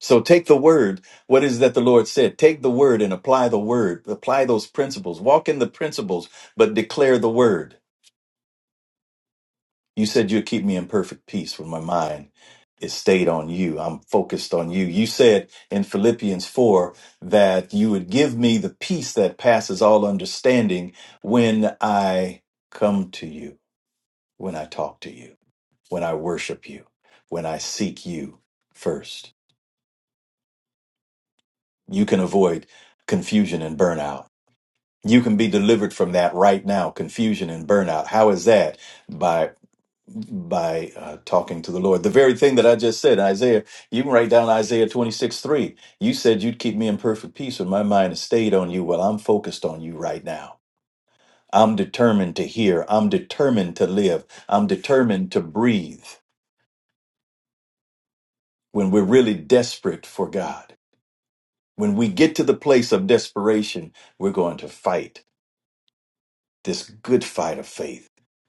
Speaker 3: So take the word. What is that the Lord said? Take the word and apply the word, apply those principles, walk in the principles, but declare the word. You said, You'll keep me in perfect peace when my mind is stayed on you. I'm focused on you. You said in Philippians 4 that you would give me the peace that passes all understanding when I come to you. when I talk to you, when I worship you, when I seek you first. You can avoid confusion and burnout. You can be delivered from that right now, confusion and burnout. How is that? By by uh, talking to the Lord. The very thing that I just said, Isaiah, you can write down Isaiah 26, 3. You said you'd keep me in perfect peace when my mind is stayed on you. Well, I'm focused on you right now. I'm determined to hear. I'm determined to live. I'm determined to breathe. when we're really desperate for God. When we get to the place of desperation, we're going to fight this good fight of faith.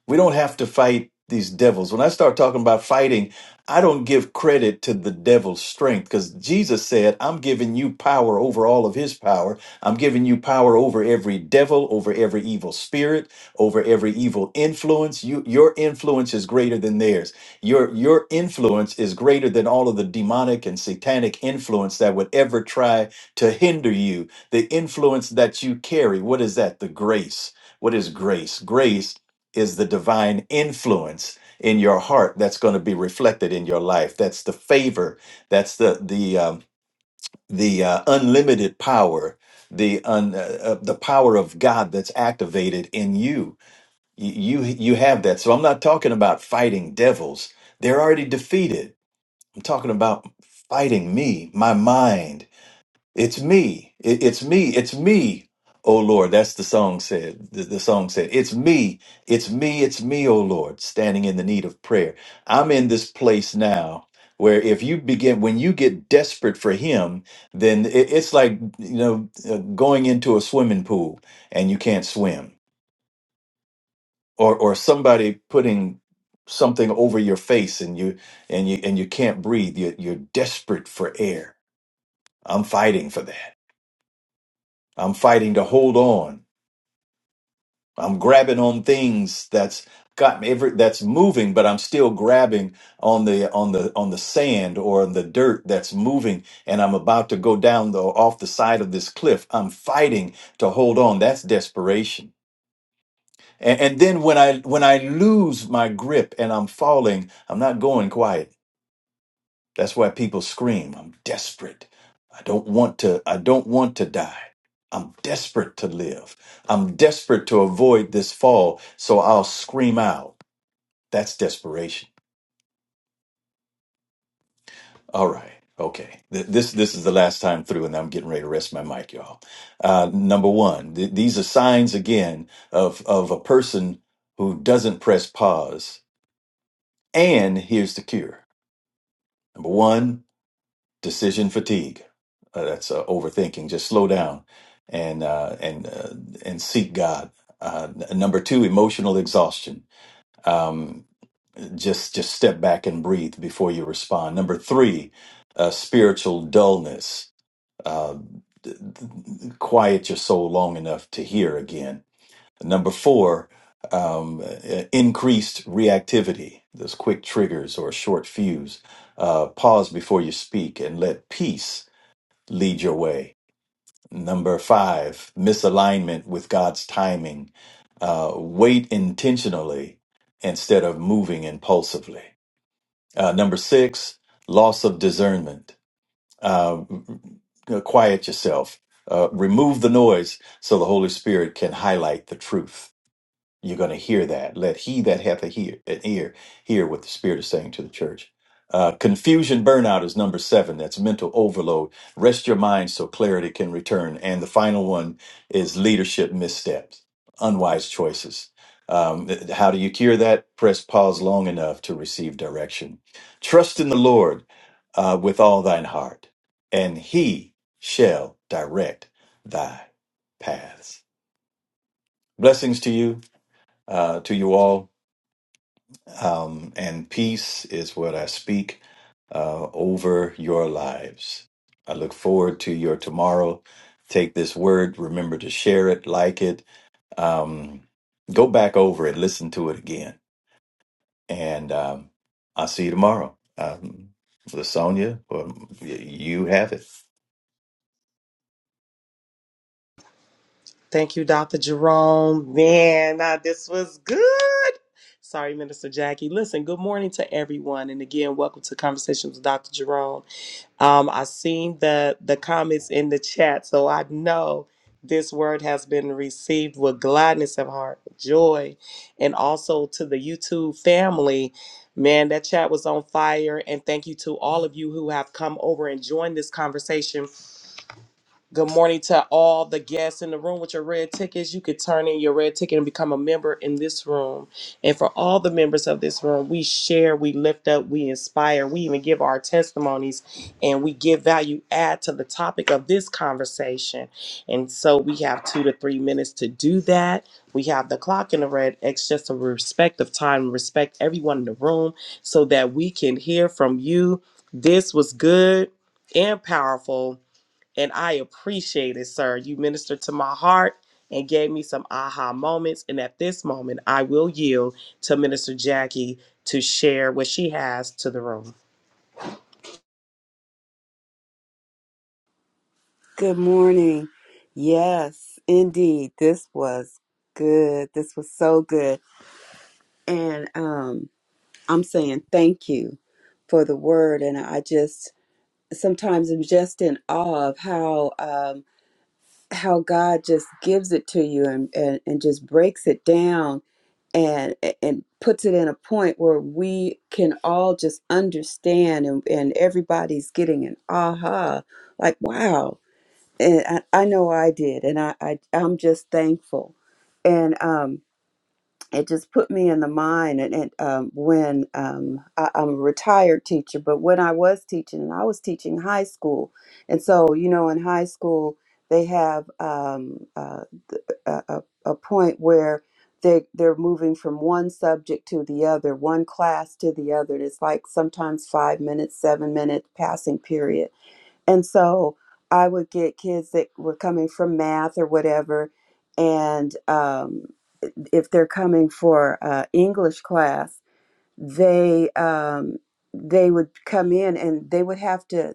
Speaker 3: We don't have to fight these devils. When I start talking about fighting, I don't give credit to the devil's strength because Jesus said, I'm giving you power over all of his power. I'm giving you power over every devil, over every evil spirit, over every evil influence. You, your influence is greater than theirs. Your, your influence is greater than all of the demonic and satanic influence that would ever try to hinder you. The influence that you carry, what is that? The grace what is grace? Grace is the divine influence in your heart that's going to be reflected in your life. That's the favor. That's the the um, the uh, unlimited power, the un, uh, uh, the power of God that's activated in you. You you you have that. So I'm not talking about fighting devils. They're already defeated. I'm talking about fighting me, my mind, it's me. It- It's me. It's me. Oh Lord, that's the song said. The, the song said, It's me. It's me. It's me, oh Lord, standing in the need of prayer. I'm in this place now where if you begin, when you get desperate for Him, then it, it's like, you know, uh, going into a swimming pool and you can't swim or, or somebody putting something over your face and you and you and you can't breathe you're, you're desperate for air i'm fighting for that I'm fighting to hold on. I'm grabbing on things that's got me every that's moving, but I'm still grabbing on the on the on the sand or on the dirt that's moving, and I'm about to go down the off the side of this cliff. I'm fighting to hold on. That's desperation. And, and then when I when I lose my grip and I'm falling, I'm not going quiet. That's why people scream, I'm desperate. I don't want to I don't want to die. I'm desperate to live. I'm desperate to avoid this fall, so I'll scream out. That's desperation. All right. Okay. Th- This this is the last time through and I'm getting ready to rest my mic, y'all. Uh, number 1, th- these are signs again of of a person who doesn't press pause and here's the cure. Number 1, decision fatigue. Uh, that's uh, overthinking. Just slow down and uh, and uh, and seek God. Uh, n- number two, emotional exhaustion. Um, just just step back and breathe before you respond. Number three, uh, spiritual dullness. Uh, d- d- quiet your soul long enough to hear again. Number four, um, uh, increased reactivity. Those quick triggers or short fuse. Uh, pause before you speak and let peace lead your way. Number five, misalignment with God's timing. Uh, wait intentionally instead of moving impulsively. Uh, number six, loss of discernment. Uh, quiet yourself. Uh, remove the noise so the Holy Spirit can highlight the truth. You're going to hear that. Let he that hath a hear, an ear hear what the Spirit is saying to the church. Uh, confusion burnout is number seven. That's mental overload. Rest your mind so clarity can return. And the final one is leadership missteps, unwise choices. Um, th- how do you cure that? Press pause long enough to receive direction. Trust in the Lord uh, with all thine heart, and he shall direct thy paths. Blessings to you, uh, to you all um, and peace is what I speak uh, over your lives. I look forward to your tomorrow. Take this word, remember to share it, like it, um, go back over it, listen to it again, and um, I'll see you tomorrow. Um, Lasonia, um, y- you have it.
Speaker 1: Thank you, Dr. Jerome. Man, uh, this was good. Sorry, Minister Jackie. Listen, good morning to everyone. And again, welcome to Conversations with Dr. Jerome. Um, I seen the the comments in the chat, so I know this word has been received with gladness of heart, joy, and also to the YouTube family. Man, that chat was on fire, and thank you to all of you who have come over and joined this conversation Good morning to all the guests in the room with your red tickets. You could turn in your red ticket and become a member in this room. And for all the members of this room, we share, we lift up, we inspire, we even give our testimonies, and we give value add to the topic of this conversation. And so we have two to three minutes to do that. We have the clock in the red X just a respect of time, respect everyone in the room so that we can hear from you. This was good and powerful and I appreciate it, sir. You ministered to my heart and gave me some aha moments. And at this moment, I will yield to Minister Jackie to share what she has to the room.
Speaker 4: Good morning. Yes, indeed. This was good. This was so good. And um I'm saying thank you for the word and I just sometimes I'm just in awe of how um how God just gives it to you and and, and just breaks it down and and puts it in a point where we can all just understand and, and everybody's getting an aha like wow and I, I know I did, and I, I I'm just thankful, and um, it just put me in the mind. And, and um, when um, I, I'm a retired teacher, but when I was teaching, and I was teaching high school, and so you know, in high school they have um, uh, th- a, a a point where they they're moving from one subject to the other, one class to the other. And it's like sometimes five minutes, seven minute passing period and so I would get kids that were coming from math or whatever. And um, if they're coming for uh, English class, they um, they would come in and they would have to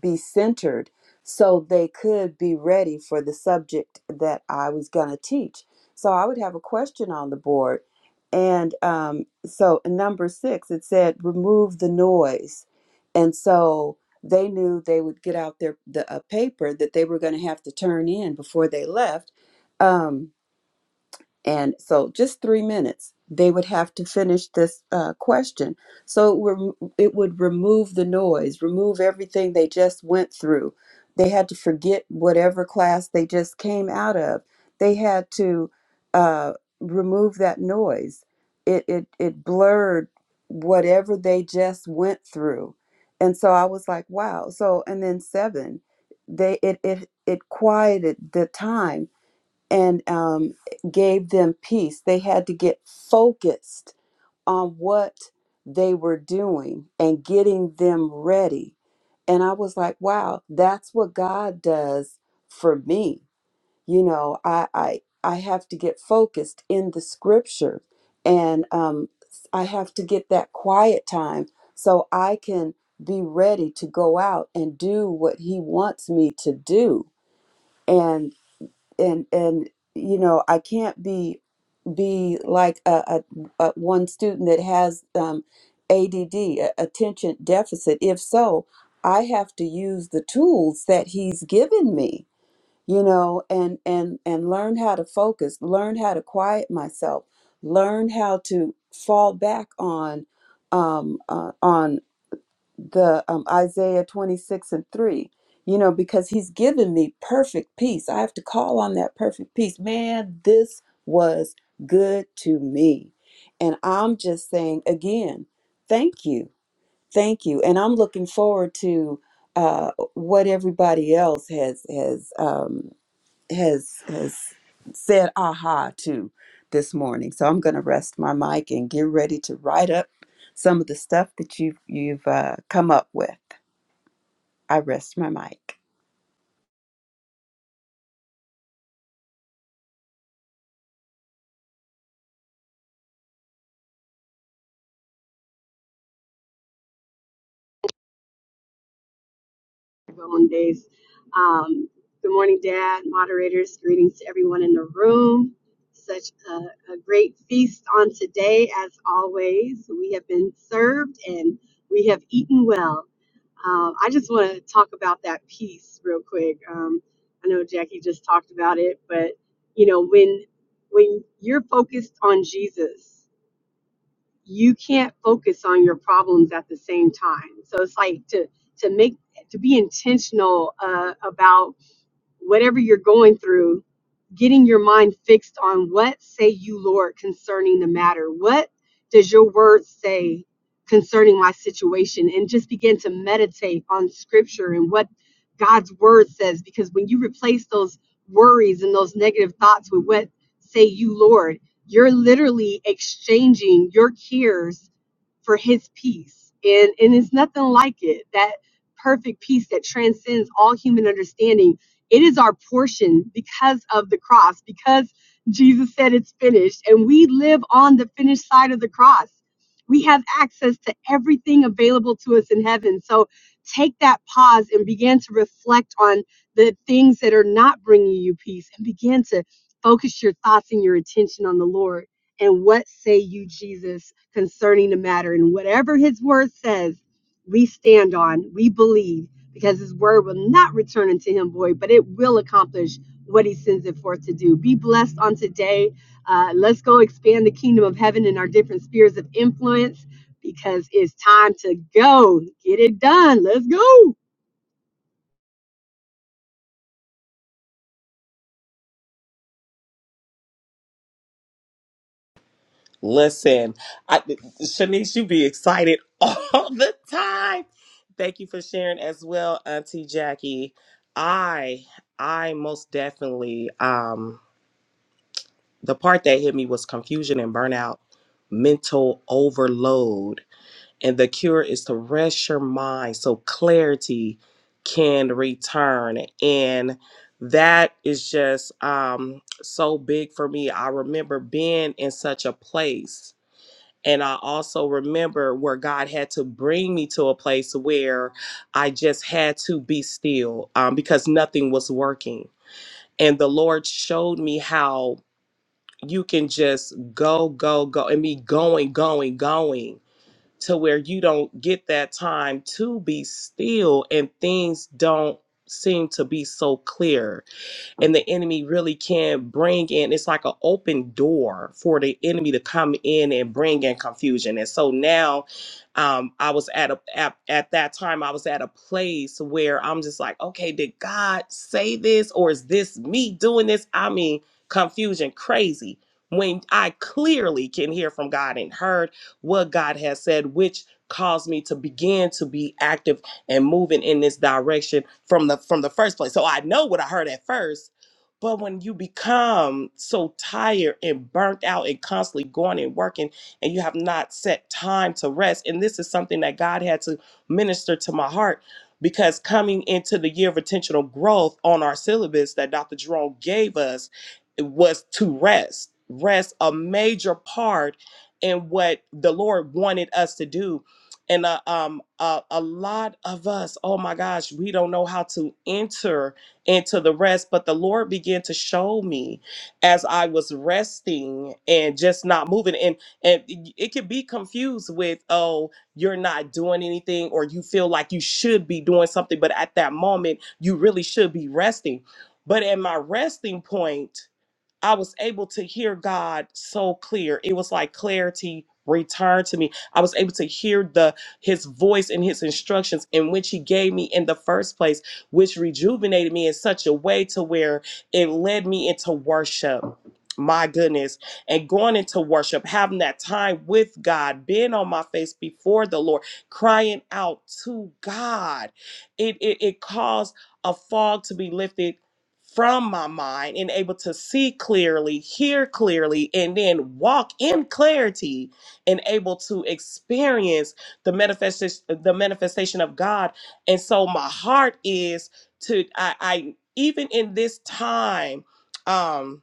Speaker 4: be centered so they could be ready for the subject that I was going to teach. So I would have a question on the board. And um, so in number six, it said remove the noise. And so they knew they would get out their the uh, paper that they were going to have to turn in before they left. Um, and so, just three minutes, they would have to finish this uh, question. So it, were, it would remove the noise, remove everything they just went through. They had to forget whatever class they just came out of. They had to uh, remove that noise. It, it it blurred whatever they just went through. And so I was like, wow. So and then seven, they it it it quieted the time and um, gave them peace. They had to get focused on what they were doing and getting them ready. And I was like, wow, that's what God does for me. You know, I I, I have to get focused in the scripture and um, I have to get that quiet time so I can be ready to go out and do what he wants me to do And and and you know I can't be be like a, a, a one student that has um, ADD attention deficit. If so, I have to use the tools that he's given me, you know, and and and learn how to focus, learn how to quiet myself, learn how to fall back on um, uh, on the um, Isaiah 26 and 3, you know, because he's given me perfect peace. I have to call on that perfect peace. Man, this was good to me. And I'm just saying again, thank you. Thank you. And I'm looking forward to uh, what everybody else has has um, has has said aha to this morning. So I'm going to rest my mic and get ready to write up some of the stuff that you've you've uh, come up with. I rest my mic.
Speaker 5: own days. Um, good morning, Dad, moderators. Greetings to everyone in the room. Such a, a great feast on today, as always. We have been served and we have eaten well. Um, I just want to talk about that piece real quick. Um, I know Jackie just talked about it, but you know when when you're focused on Jesus you can't focus on your problems at the same time. So it's like to to make to be intentional uh, about whatever you're going through, getting your mind fixed on what say you, Lord, concerning the matter. What does your word say concerning my situation? And just begin to meditate on scripture and what God's word says. Because when you replace those worries and those negative thoughts with what say you, Lord, you're literally exchanging your cares for his peace. And, and it's nothing like it. That perfect peace that transcends all human understanding it is our portion because of the cross, because Jesus said it's finished, and we live on the finished side of the cross. We have access to everything available to us in heaven. So take that pause and begin to reflect on the things that are not bringing you peace and begin to focus your thoughts and your attention on the Lord. And what say you, Jesus, concerning the matter? And whatever his word says, we stand on, we believe because his word will not return unto him void, but it will accomplish what he sends it forth to do. Be blessed on today. Uh, let's go expand the kingdom of heaven in our different spheres of influence because it's time to go. Get it done. Let's go.
Speaker 1: Listen, I, Shanice, you be excited *laughs* all the time. Thank you for sharing as well, Auntie Jackie. I, I most definitely, um, the part that hit me was confusion and burnout, mental overload And the cure is to rest your mind so clarity can return. And that is just um, so big for me. I remember being in such a place. And I also remember where God had to bring me to a place where I just had to be still um, because nothing was working. And the Lord showed me how you can just go, go, go, and be going, going, going to where you don't get that time to be still and things don't seem to be so clear and the enemy really can bring in it's like an open door for the enemy to come in and bring in confusion and so now um i was at a at, at that time i was at a place where i'm just like okay did god say this or is this me doing this i mean confusion crazy when i clearly can hear from god and heard what god has said which caused me to begin to be active and moving in this direction from the from the first place so i know what i heard at first but when you become so tired and burnt out and constantly going and working, and you have not set time to rest, and this is something that God had to minister to my heart because coming into the year of intentional growth on our syllabus that Dr. Jerome gave us it was to rest. Rest, a major part in what the Lord wanted us to do. And uh, um, uh, a lot of us, oh my gosh, we don't know how to enter and to the rest. But the Lord began to show me as I was resting and just not moving. And and it it could be confused with, oh, you're not doing anything, or you feel like you should be doing something, but at that moment, you really should be resting. But at my resting point, I was able to hear God so clear. It was like clarity returned to me. I was able to hear the his voice and his instructions in which he gave me in the first place, which rejuvenated me in such a way to where it led me into worship. My goodness. And going into worship, having that time with God, being on my face before the Lord, crying out to God. It it, it caused a fog to be lifted from my mind and able to see clearly, hear clearly, and then walk in clarity and able to experience the manifestation the manifestation of God. And so my heart is to I, I even in this time, um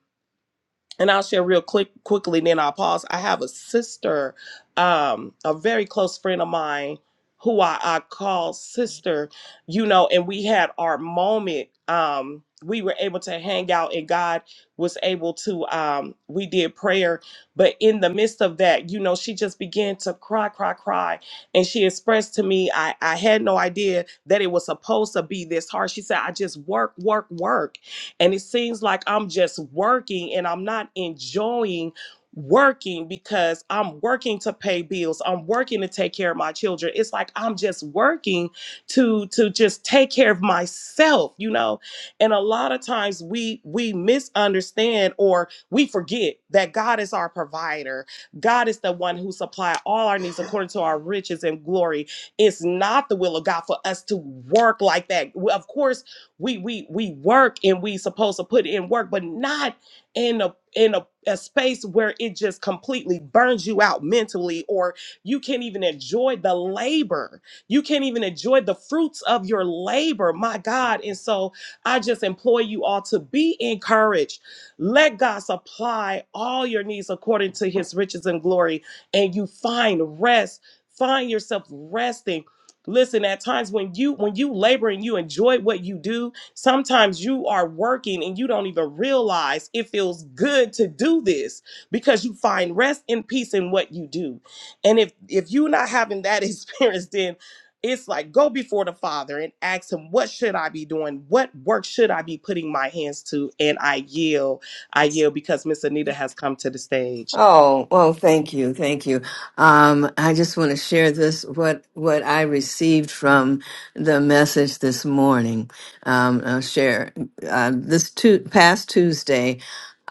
Speaker 1: and I'll share real quick quickly, then I'll pause. I have a sister, um, a very close friend of mine who I, I call sister, you know, and we had our moment. Um, we were able to hang out and God was able to um we did prayer, but in the midst of that, you know, she just began to cry, cry, cry. And she expressed to me, I, I had no idea that it was supposed to be this hard. She said, I just work, work, work. And it seems like I'm just working and I'm not enjoying working because I'm working to pay bills. I'm working to take care of my children. It's like I'm just working to to just take care of myself, you know? And a lot of times we we misunderstand or we forget that God is our provider. God is the one who supply all our needs according to our riches and glory. It's not the will of God for us to work like that. Well, Of course, we we we work and we supposed to put in work but not in a in a, a space where it just completely burns you out mentally or you can't even enjoy the labor you can't even enjoy the fruits of your labor my god and so i just implore you all to be encouraged let god supply all your needs according to his riches and glory and you find rest find yourself resting listen at times when you when you labor and you enjoy what you do sometimes you are working and you don't even realize it feels good to do this because you find rest and peace in what you do and if if you're not having that *laughs* experience then it's like go before the father and ask him what should i be doing what work should i be putting my hands to and i yield i yield because miss anita has come to the stage
Speaker 6: Oh, well, thank you. Thank you. Um, I just want to share this, what, what I received from the message this morning. Um, I'll share, uh, this tu- past Tuesday,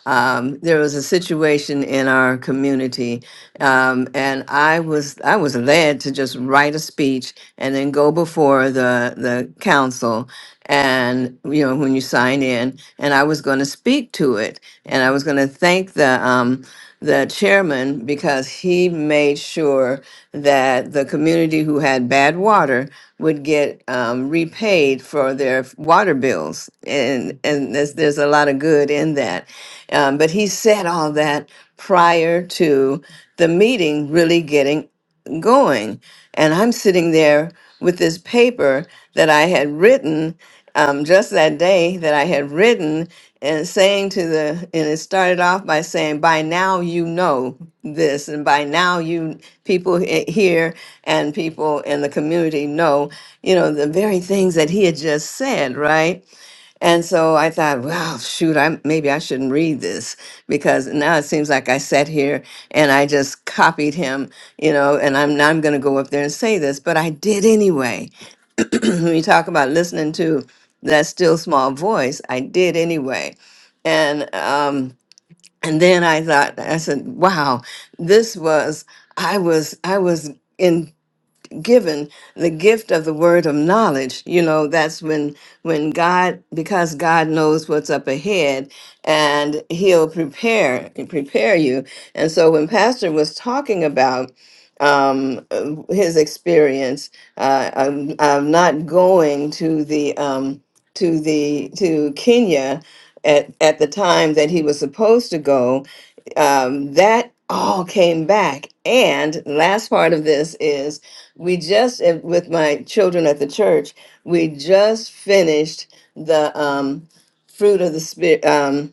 Speaker 6: um, there was a situation in our community. Um, and I was, I was led to just write a speech and then go before the, the council. And, you know, when you sign in and I was going to speak to it and I was going to thank the, um, the chairman because he made sure that the community who had bad water would get um, repaid for their water bills, and and there's, there's a lot of good in that. Um, but he said all that prior to the meeting really getting going. And I'm sitting there with this paper that I had written um, just that day that I had written and saying to the, and it started off by saying, by now you know this, and by now you people he- here and people in the community know, you know, the very things that he had just said, right? And so I thought, well, shoot, I maybe I shouldn't read this because now it seems like I sat here and I just copied him, you know, and I'm now I'm going to go up there and say this, but I did anyway. *clears throat* when you talk about listening to that still small voice, I did anyway. And um and then I thought I said, wow, this was I was I was enticed given the gift of the word of knowledge you know that's when when god because god knows what's up ahead and he'll prepare prepare you and so when pastor was talking about um uh, his experience uh of, of not going to the um to the to kenya at, at the time that he was supposed to go um, that all came back. And last part of this is we just eh, with my children at the church we just finished the um fruit of the spirit um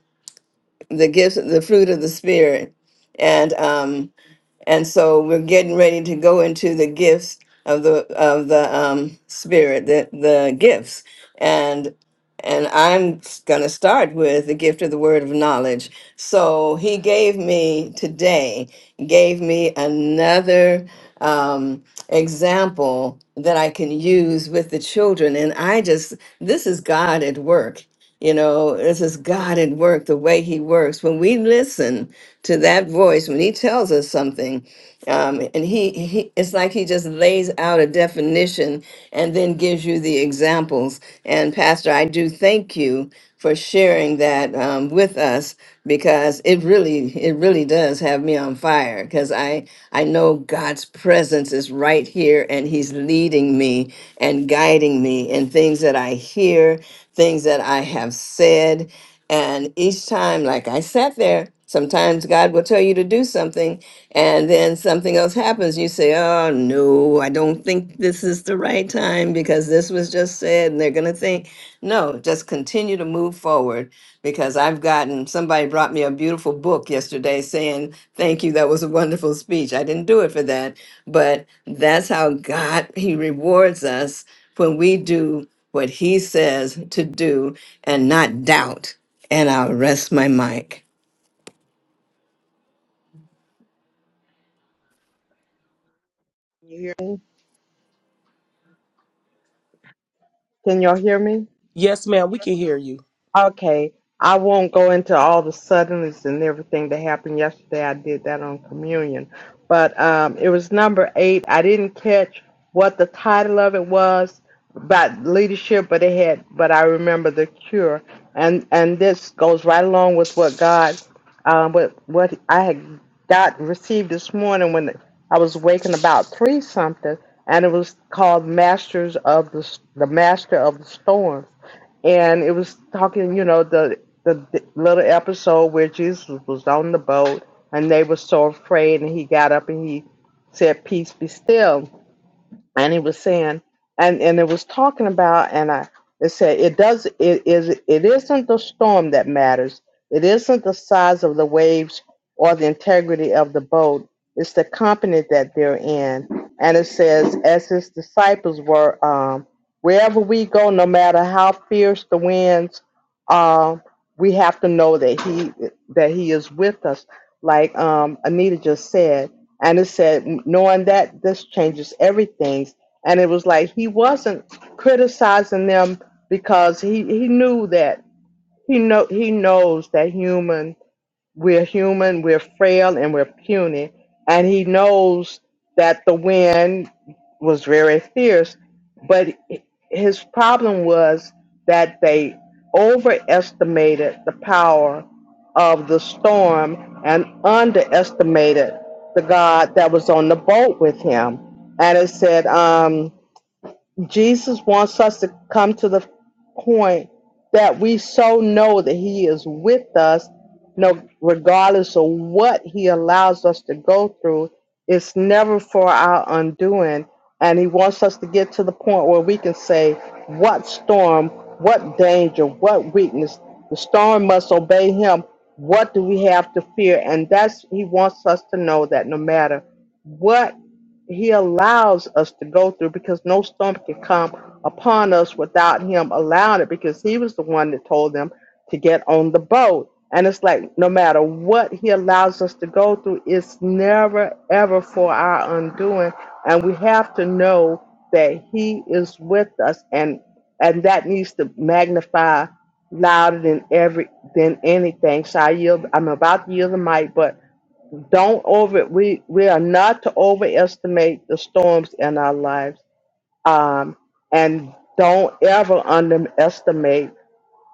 Speaker 6: the gifts the fruit of the spirit and um and so we're getting ready to go into the gifts of the of the um spirit the the gifts and and i'm going to start with the gift of the word of knowledge so he gave me today gave me another um example that i can use with the children and i just this is god at work you know, this is God at work, the way He works. When we listen to that voice, when He tells us something, um, and he, he it's like he just lays out a definition and then gives you the examples and pastor i do thank you for sharing that um, with us because it really it really does have me on fire because i i know god's presence is right here and he's leading me and guiding me in things that i hear things that i have said and each time, like I sat there, sometimes God will tell you to do something, and then something else happens. You say, Oh, no, I don't think this is the right time because this was just said, and they're going to think. No, just continue to move forward because I've gotten somebody brought me a beautiful book yesterday saying, Thank you, that was a wonderful speech. I didn't do it for that, but that's how God, He rewards us when we do what he says to do and not doubt. And I'll rest my mic.
Speaker 7: Can you hear me? Can y'all hear me?
Speaker 1: yes ma'am we can hear you
Speaker 7: Okay, I won't go into all the suddenlies and everything that happened yesterday. I did that on communion, but um, it was number eight. I didn't catch what the title of it was about leadership, but it had. But I remember the cure, and and this goes right along with what God, um, what what I had got received this morning when I was waking about three something, and it was called Masters of the S- the Master of the Storm and it was talking, you know, the the little episode where Jesus was on the boat and they were so afraid, and he got up and he said, "Peace be still." and he was saying and and it was talking about and i it said it does it is it isn't the storm that matters it isn't the size of the waves or the integrity of the boat it's the company that they're in and it says as his disciples were um wherever we go no matter how fierce the winds um we have to know that he that he is with us like um anita just said and it said, knowing that this changes everything. And it was like he wasn't criticizing them because he, he knew that he know he knows that human we're human, we're frail, and we're puny. And he knows that the wind was very fierce, but his problem was that they overestimated the power of the storm and underestimated the God that was on the boat with him. And it said, "Um." Jesus wants us to come to the point that we so know that He is with us, no, regardless of what He allows us to go through. It's never for our undoing. And He wants us to get to the point where we can say, What storm, what danger, what weakness? The storm must obey Him. What do we have to fear? And that's, He wants us to know that no matter what he allows us to go through because no storm can come upon us without Him allowing it because He was the one that told them to get on the boat. And it's like no matter what He allows us to go through, it's never ever for our undoing. And we have to know that He is with us, and and that needs to magnify louder than every than anything. So I yield. I'm about to yield the mic, but don't over we we are not to overestimate the storms in our lives um and don't ever underestimate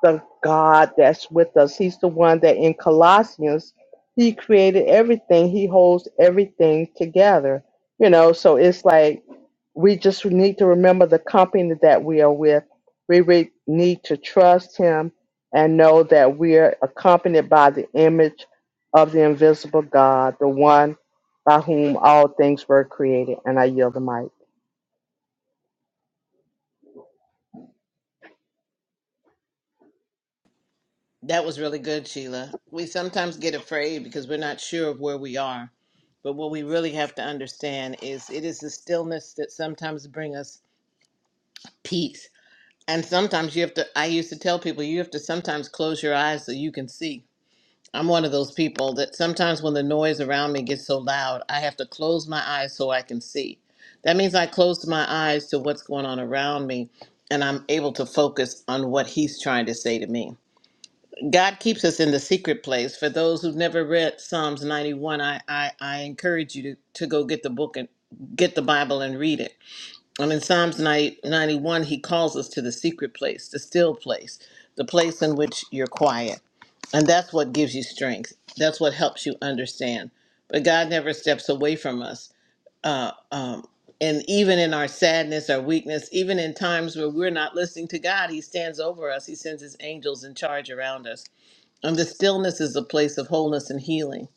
Speaker 7: the God that's with us. He's the one that in Colossians, he created everything, he holds everything together. You know, so it's like we just need to remember the company that we are with. We re- need to trust him and know that we're accompanied by the image of the invisible God, the one by whom all things were created. And I yield the mic.
Speaker 2: That was really good, Sheila. We sometimes get afraid because we're not sure of where we are. But what we really have to understand is it is the stillness that sometimes bring us peace. And sometimes you have to I used to tell people you have to sometimes close your eyes so you can see. I'm one of those people that sometimes when the noise around me gets so loud, I have to close my eyes so I can see. That means I close my eyes to what's going on around me and I'm able to focus on what he's trying to say to me God keeps us in the secret place. For those who've never read Psalms 91, I, I, I encourage you to, to go get the book and get the Bible and read it. And in Psalms 90, 91, he calls us to the secret place, the still place, the place in which you're quiet. And that's what gives you strength. That's what helps you understand. But God never steps away from us. Uh, um, and even in our sadness, our weakness, even in times where we're not listening to God, He stands over us. He sends His angels in charge around us and the stillness is a place of wholeness and healing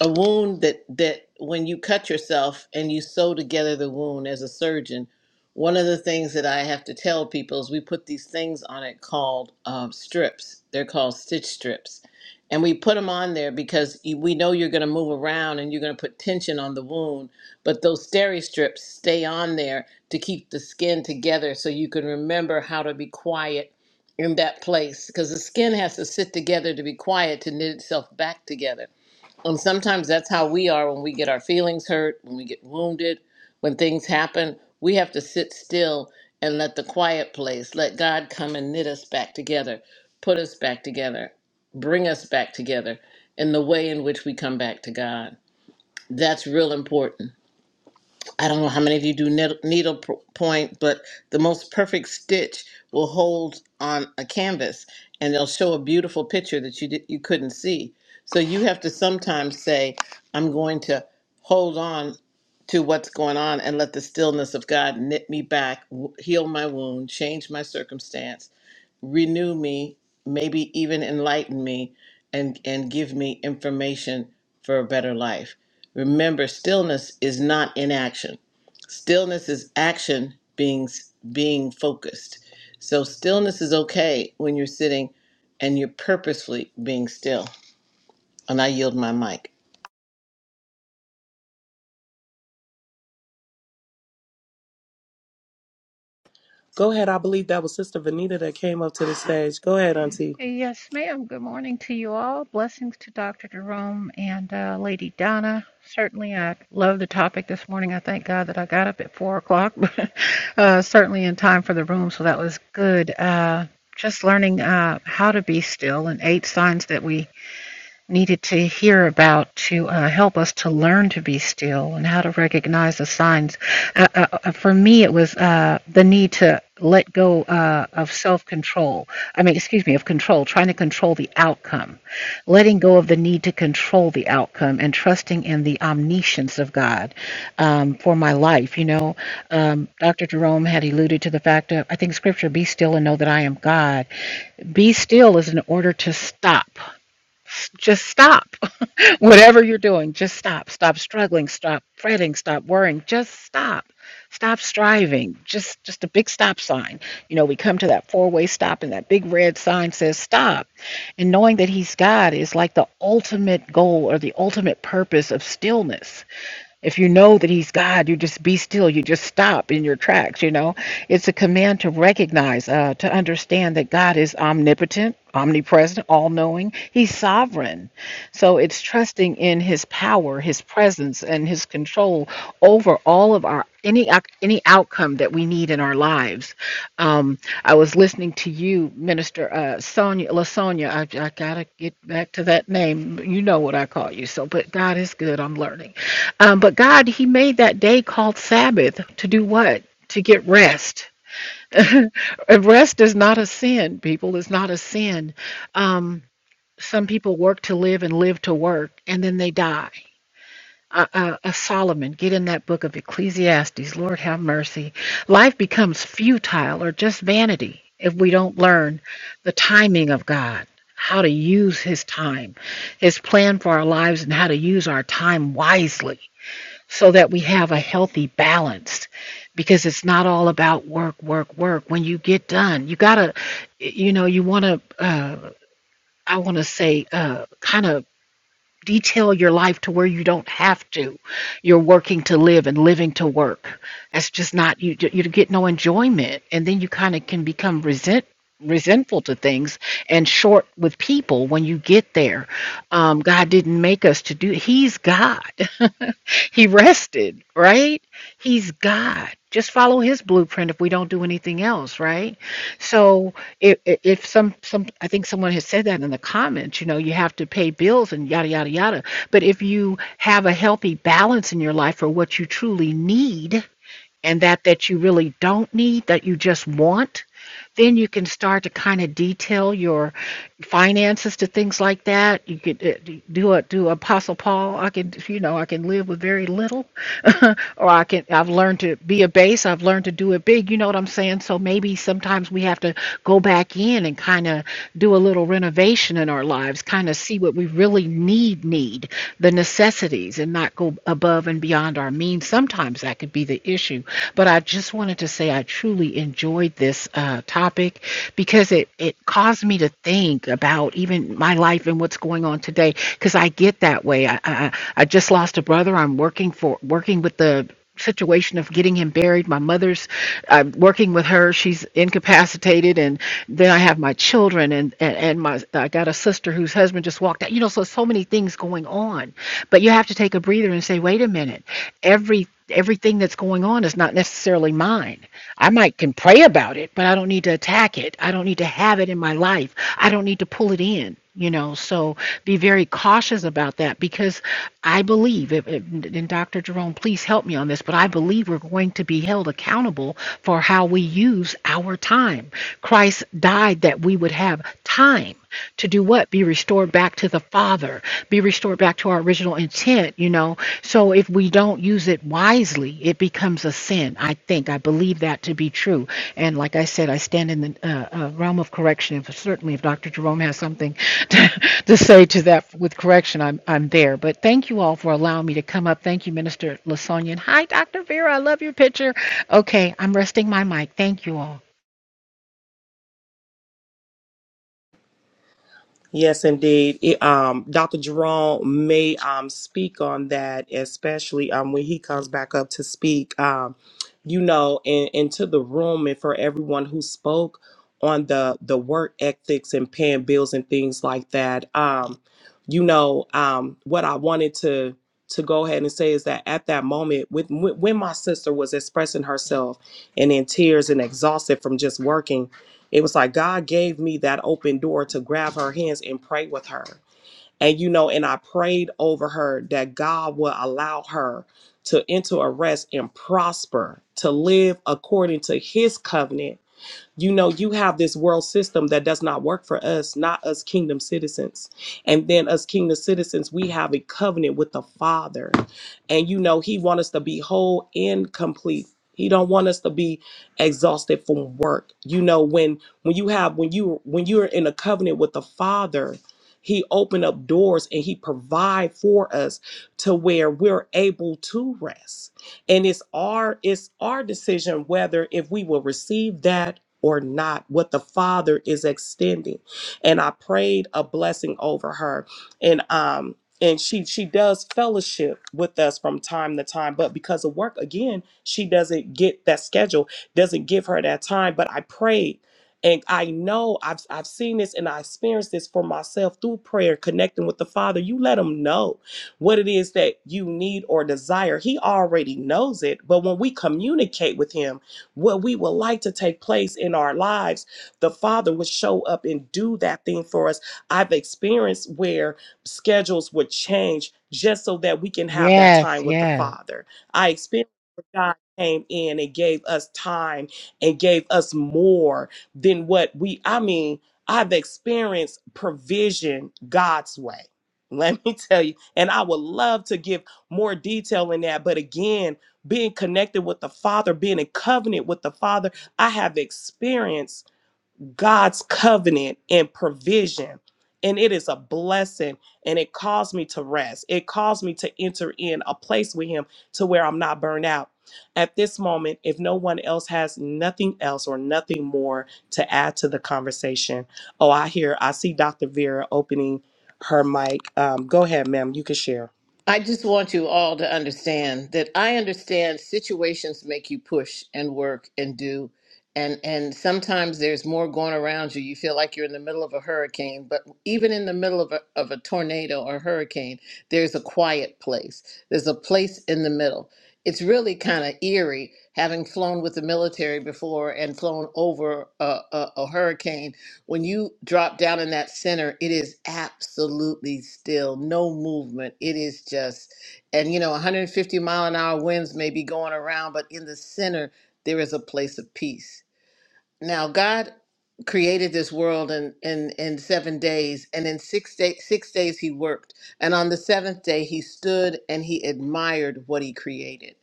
Speaker 2: a wound that that when you cut yourself and you sew together the wound as a surgeon one of the things that i have to tell people is we put these things on it called um, strips they're called stitch strips and we put them on there because you- we know you're going to move around and you're going to put tension on the wound but those steri strips stay on there to keep the skin together so you can remember how to be quiet in that place because the skin has to sit together to be quiet to knit itself back together and sometimes that's how we are when we get our feelings hurt, when we get wounded, when things happen. We have to sit still and let the quiet place, let God come and knit us back together, put us back together, bring us back together in the way in which we come back to God. That's real important. I don't know how many of you do needle, needle p- point, but the most perfect stitch will hold on a canvas and they'll show a beautiful picture that you di- you couldn't see. So you have to sometimes say, I'm going to hold on to what's going on and let the stillness of God knit me back, w- heal my wound, change my circumstance, renew me, maybe even enlighten me and, and give me information for a better life. Remember, stillness is not inaction. Stillness is action being being focused. So stillness is okay when you're sitting and you're purposefully being still. And I yield my mic.
Speaker 1: Go ahead. I believe that was Sister Vanita that came up to the stage. Go ahead, Auntie.
Speaker 8: Yes, ma'am. Good morning to you all. Blessings to Dr. Jerome and uh, Lady Donna. Certainly, I love the topic this morning. I thank God that I got up at four o'clock, *laughs* but uh, certainly in time for the room, so that was good. Uh, just learning uh, how to be still and eight signs that we needed to hear about to uh, help us to learn to be still and how to recognize the signs. Uh, uh, uh, for me, it was uh, the need to let go uh, of self control. I mean, excuse me, of control, trying to control the outcome, letting go of the need to control the outcome, and trusting in the omniscience of God um, for my life. You know, um, Dr. Jerome had alluded to the fact of, I think, scripture, be still and know that I am God. Be still is an order to stop just stop. *laughs* Whatever you're doing, just stop. Stop struggling, stop fretting, stop worrying, just stop. Stop striving. Just just a big stop sign. You know, we come to that four-way stop and that big red sign says stop. And knowing that he's God is like the ultimate goal or the ultimate purpose of stillness. If you know that he's God, you just be still. You just stop in your tracks, you know. It's a command to recognize, uh, to understand that God is omnipotent, omnipresent, all knowing. He's sovereign. So it's trusting in his power, his presence, and his control over all of our any ac- any outcome that we need in our lives. Um, I was listening to you, Minister uh, Sonia Lasonia. I, I gotta get back to that name. You know what I call you. So, but God is good. I'm learning. Um, but God, He made that day called Sabbath to do what? To get rest. And Rest is not a sin, people. It's not a sin. Um, some people work to live and live to work, and then they die uh, uh, uh, Solomon, get in that book of Ecclesiastes. Lord have mercy. Life becomes futile or just vanity if we don't learn the timing of God, how to use His time, His plan for our lives, and how to use our time wisely so that we have a healthy balance because it's not all about work work work when you get done you gotta you know you want to uh, i want to say uh, kind of detail your life to where you don't have to. You're working to live and living to work. That's just not you. You get no enjoyment, and then you kind of can become resent resentful to things and short with people when you get there. Um, God didn't make us to do. He's God. *laughs* he rested, right? He's God. Just follow his blueprint if we don't do anything else, right? So if, if some some I think someone has said that in the comments, you know, you have to pay bills and yada yada yada. But if you have a healthy balance in your life for what you truly need, and that that you really don't need that you just want then you can start to kind of detail your finances to things like that you could uh, do a do apostle paul i can you know i can live with very little *laughs* or i can i've learned to be a base i've learned to do it big you know what i'm saying so maybe sometimes we have to go back in and kind of do a little renovation in our lives kind of see what we really need need the necessities and not go above and beyond our means sometimes that could be the the issue. But I just wanted to say I truly enjoyed this uh, topic because it, it caused me to think about even my life and what's going on today because I get that way. I, I, I just lost a brother. I'm working for working with the situation of getting him buried. My mother's I'm working with her. She's incapacitated, and then I have my children, and and, and my I got a sister whose husband just walked out. You know, so so many things going on, but you have to take a breather and say, wait a minute, every everything that's going on is not necessarily mine. I might can pray about it, but I don't need to attack it. I don't need to have it in my life. I don't need to pull it in, you know. So be very cautious about that because I believe, if, if- and Dr. Jerome, please help me on this, but I believe we're going to be held accountable for how we use our time. Christ died that we would have time to do what? Be restored back to the Father, be restored back to our original intent, you know. So if we don't use it wisely, it becomes a sin. I think, I believe that to be true. And like I said, I stand in the uh, uh, realm of correction. If, certainly, if Dr. Jerome has something *laughs* to, to say to that with correction, I'm, I'm there. But thank you all for allowing me to come up. Thank you, Minister Lasonia. And hi, Dr. Vera. I love your picture. Okay, I'm resting my mic. Thank you all.
Speaker 1: Yes, indeed. It, um, Dr. Jerome may um, speak on that, especially um, when he comes back up to speak. Um, you know, and into the room, and for everyone who spoke on the the work ethics and paying bills and things like that. Um, you know, um, what I wanted to to go ahead and say is that at that moment, with when when my sister was expressing herself and in tears and exhausted from just working it was like God gave me that open door to grab her hands and pray with her. And you know, and I prayed over her that God would allow her to enter a rest and prosper, to live according to his covenant you know you have this world system that does not work for us not us kingdom citizens and then us kingdom citizens we have a covenant with the father and you know he wants us to be whole and complete he don't want us to be exhausted from work you know when when you have when you when you're in a covenant with the father he opened up doors and he provide for us to where we're able to rest and it's our it's our decision whether if we will receive that or not, what the Father is extending. And I prayed a blessing over her. And um and she she does fellowship with us from time to time, but because of work again, she doesn't get that schedule, doesn't give her that time. But I prayed and I know I've I've seen this and I experienced this for myself through prayer, connecting with the Father. You let him know what it is that you need or desire. He already knows it, but when we communicate with him, what we would like to take place in our lives, the Father would show up and do that thing for us. I've experienced where schedules would change just so that we can have that
Speaker 8: Yes,
Speaker 1: time with the
Speaker 8: yes.
Speaker 1: Father. I experienced where God came in and gave us time and gave us more than what we, I mean, I've experienced provision God's way. *laughs* Let me tell you. And I would love to give more detail in that. But again, being connected with the Father, being in covenant with the Father, I have experienced God's covenant and provision. And it is a blessing. And it caused me to rest. It caused me to enter in a place with Him to where I'm not burned out. At this moment, if no one else has nothing else or nothing more to add to the conversation, oh, I hear, I see Dr. Vera opening her mic. Um, go ahead, ma'am. You can share.
Speaker 2: I just want you all to understand that I understand situations make you push and work and do and and sometimes there's more going around you. You feel like you're in the middle of a hurricane, but even in the middle of a, of a tornado or hurricane, there's a quiet place. There's a place in the middle. It's really kind of eerie having flown with the military before and flown over a, a, a hurricane when you drop down in that center, it is absolutely still, no movement. It is just, and you know, 150 mile an hour winds may be going around, but in the center, there is a place of peace now God created this world in in in seven days, and in six days six days He worked, and on the seventh day He stood and He admired what He created.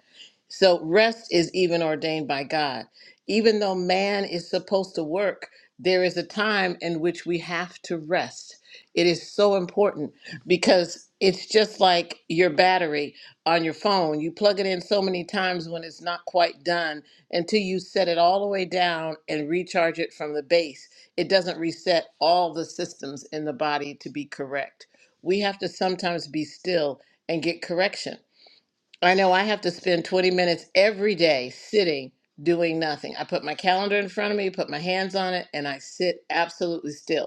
Speaker 2: So rest is even ordained by God. Even though man is supposed to work, there is a time in which we have to rest. It is so important because it's just like your battery on your phone. You plug it in so many times when it's not quite done until you set it all the way down and recharge it from the base. It doesn't reset all the systems in the body to be correct. We have to sometimes be still and get correction. I know I have to spend 20 minutes every day sitting doing nothing. I put my calendar in front of me, put my hands on it, and I sit absolutely still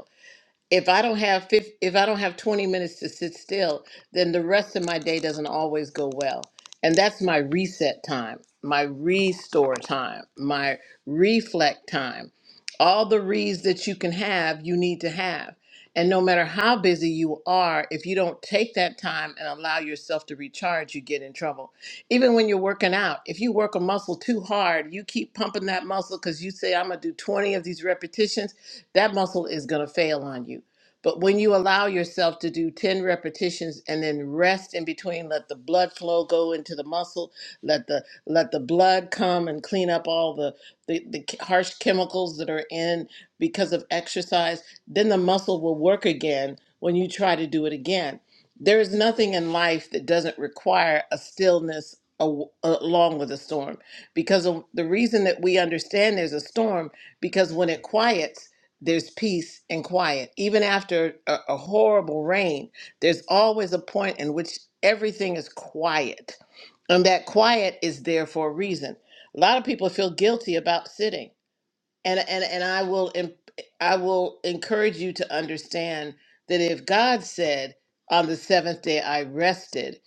Speaker 2: if I don't have fif if I don't have 20 minutes to sit still, then the rest of my day doesn't always go well. And that's my reset time, my restore time, my reflect time. All the reads that you can have, you need to have. And no matter how busy you are, if you don't take that time and allow yourself to recharge, you get in trouble. Even when you're working out, if you work a muscle too hard, you keep pumping that muscle because you say, I'm going to do 20 of these repetitions that muscle is going to fail on you. But when you allow yourself to do 10 repetitions and then rest in between, let the blood flow go into the muscle, let the let the blood come and clean up all the, the, the harsh chemicals that are in because of exercise, then the muscle will work again when you try to do it again. There is nothing in life that doesn't require a stillness a- along with a storm because of the reason that we understand there's a storm because when it quiets there's peace and quiet. Even after a, a horrible rain, there's always a point in which everything is quiet. And that quiet is there for a reason. A lot of people feel guilty about sitting and and and I will em- I will encourage you to understand that if God said on the seventh day I rested,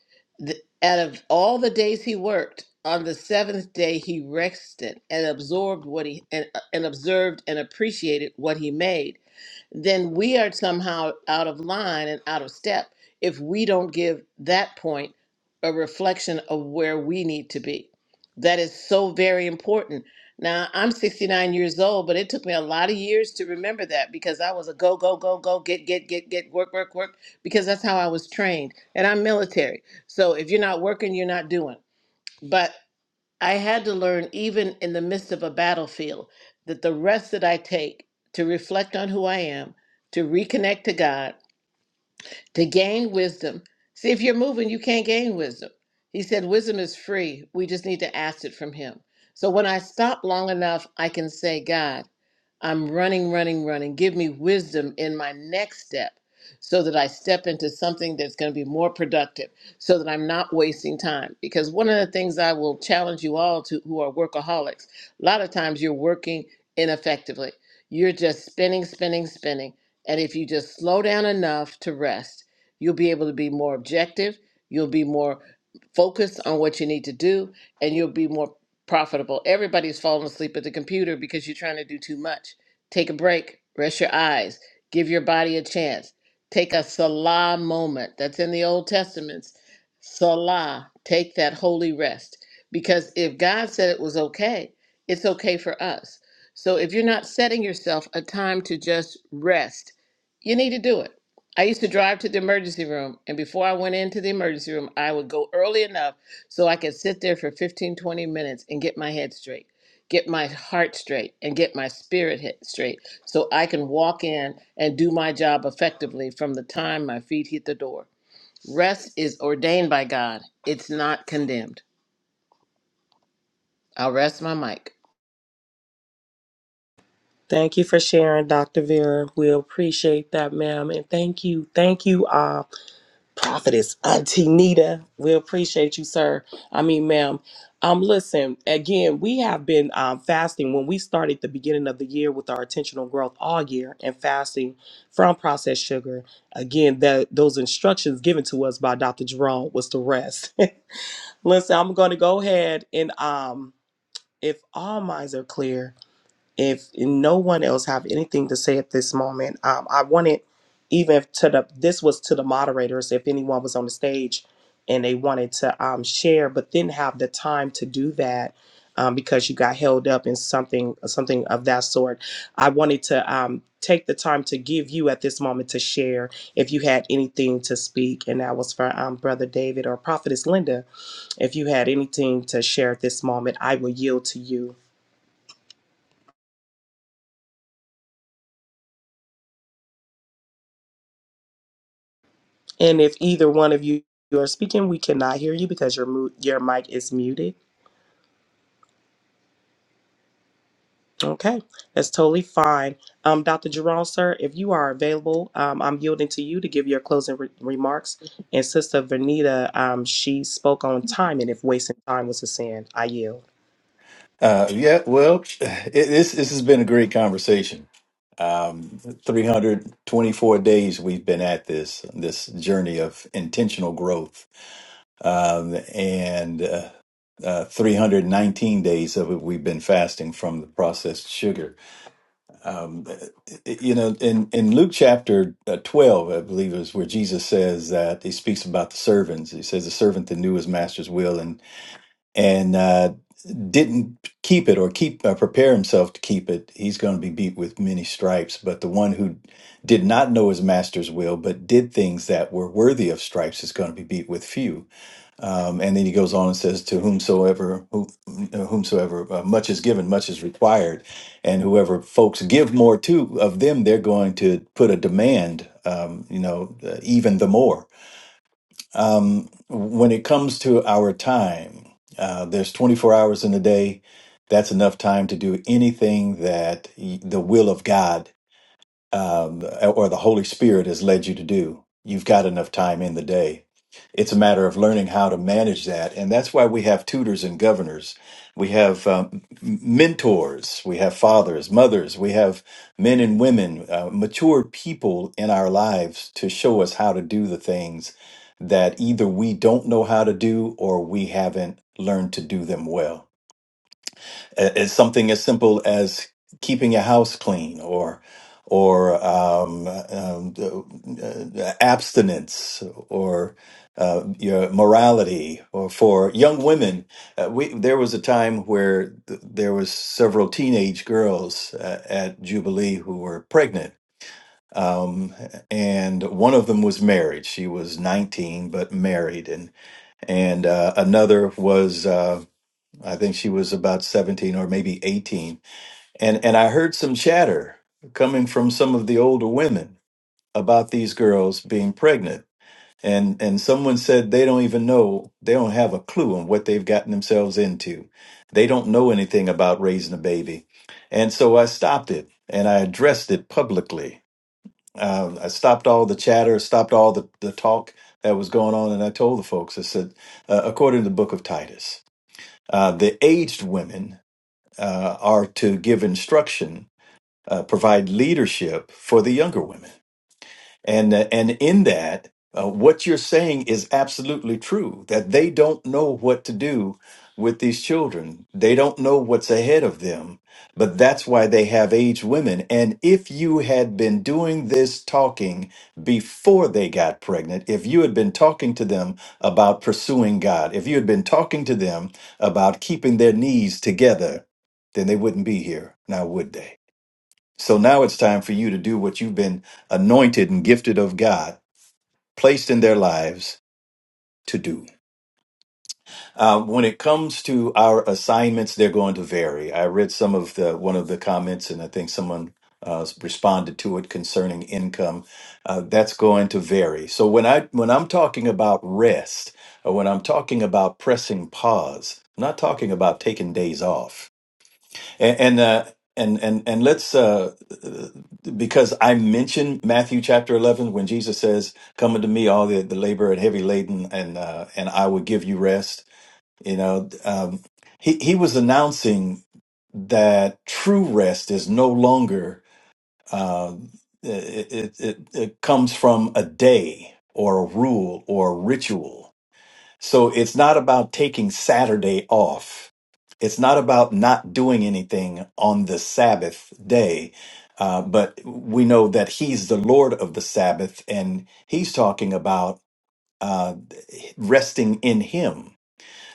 Speaker 2: th- out of all the days He worked, on the seventh day He rested and absorbed what He and, and observed and appreciated what He made then we are somehow out of line and out of step if we don't give that point a reflection of where we need to be. That is so very important. Now, I'm 69 years old, but it took me a lot of years to remember that because I was a go, go, go, go, get, get, get, get, work, work, work, because that's how I was trained. And I'm military. So if you're not working, you're not doing. But. I had to learn, even in the midst of a battlefield, that the rest that I take to reflect on who I am, to reconnect to God, to gain wisdom. See, if you're moving, you can't gain wisdom. He said, Wisdom is free. We just need to ask it from Him. So when I stop long enough, I can say, God, I'm running, running, running. Give me wisdom in my next step so that I step into something that's going to be more productive, so that I'm not wasting time. Because one of the things I will challenge you all to who are workaholics, a lot of times you're working ineffectively. You're just spinning, spinning, spinning. And if you just slow down enough to rest, you'll be able to be more objective. You'll be more focused on what you need to do, and you'll be more profitable. Everybody's falling asleep at the computer because you're trying to do too much. Take a break, rest your eyes, give your body a chance. Take a Salah moment. That's in the Old Testament. Salah, take that holy rest. Because if God said it was okay, it's okay for us. So if you're not setting yourself a time to just rest, you need to do it. I used to drive to the emergency room, and before I went into the emergency room, I would go early enough so I could sit there for 15, 20 minutes and get my head straight, get my heart straight, and get my spirit hit straight so I can walk in and do my job effectively from the time my feet hit the door. Rest is ordained by God, it's not condemned. I'll rest my mic.
Speaker 1: Thank you for sharing, Dr. Vera. We appreciate that, ma'am. And thank you, thank you, uh, Prophetess Auntie Nita. We appreciate you, sir. I mean, ma'am. Um, listen, again, we have been um, fasting when we started the beginning of the year with our intentional growth all year and fasting from processed sugar. Again, that those instructions given to us by Dr. Jerome was to rest. *laughs* listen, I'm going to go ahead and um, if all minds are clear, if no one else have anything to say at this moment um, i wanted even if to the this was to the moderators if anyone was on the stage and they wanted to um, share but didn't have the time to do that um, because you got held up in something something of that sort i wanted to um, take the time to give you at this moment to share if you had anything to speak and that was for um, brother david or prophetess linda if you had anything to share at this moment i will yield to you And if either one of you you are speaking, we cannot hear you because your mu- your mic is muted. Okay, that's totally fine. Um, Dr. Jerome, sir, if you are available, um, I'm yielding to you to give your closing re- remarks. And Sister Vernita, um, she spoke on time, and if wasting time was a sin, I yield.
Speaker 3: Uh, yeah, well, it, this this has been a great conversation. Um, 324 days we've been at this this journey of intentional growth, um, and uh, uh, 319 days of it we've been fasting from the processed sugar. Um, it- you know, in in Luke chapter uh, 12, I believe is where Jesus says that he speaks about the servants. He says the servant that knew his master's will and and uh, didn't keep it or keep uh, prepare himself to keep it, he's going to be beat with many stripes. But the one who did not know his master's will, but did things that were worthy of stripes, is going to be beat with few. Um, and then he goes on and says, "To whomsoever who, uh, whomsoever uh, much is given, much is required, and whoever folks give more to of them, they're going to put a demand, um, you know, uh, even the more." um, when it comes to our time, uh, there's 24 hours in a day. That's enough time to do anything that y- the will of God um, or the Holy Spirit has led you to do. You've got enough time in the day. It's a matter of learning how to manage that. And that's why we have tutors and governors. We have um, m- mentors. We have fathers, mothers. We have men and women, uh, mature people in our lives to show us how to do the things that either we don't know how to do or we haven't learned to do them well a- It's something as simple as keeping your house clean or or um, um, uh, uh, abstinence or uh, your morality or for young women uh, we, there was a time where th- there was several teenage girls uh, at jubilee who were pregnant um, and one of them was married she was 19 but married and and uh, another was uh, i think she was about 17 or maybe 18 and and I heard some chatter coming from some of the older women about these girls being pregnant. And and someone said they don't even know, they don't have a clue on what they've gotten themselves into. They don't know anything about raising a baby. And so I stopped it and I addressed it publicly. Uh, I stopped all the chatter, stopped all the, the talk that was going on, and I told the folks, I said, uh, according to the book of Titus, uh, the aged women uh, are to give instruction uh, provide leadership for the younger women. And uh, and in that, uh, what you're saying is absolutely true that they don't know what to do with these children. They don't know what's ahead of them, but that's why they have aged women. And if you had been doing this talking before they got pregnant, if you had been talking to them about pursuing God, if you had been talking to them about keeping their knees together, then they wouldn't be here now, would they? So now it's time for you to do what you've been anointed and gifted of God, placed in their lives to do. Uh, when it comes to our assignments, they're going to vary. I read some of the one of the comments, and I think someone uh, responded to it concerning income. Uh, that's going to vary. So when I when I'm talking about rest, or when I'm talking about pressing pause, I'm not talking about taking days off. and and uh, and, and and let's uh, because I mentioned Matthew chapter eleven when Jesus says, "Come unto me, all the, the labor and heavy laden, and uh, and I will give you rest." You know, um, he he was announcing that true rest is no longer uh, it, it, it it comes from a day or a rule or a ritual so it's not about taking Saturday off. It's not about not doing anything on the Sabbath day. Uh, but we know that he's the Lord of the Sabbath, and he's talking about uh, resting in him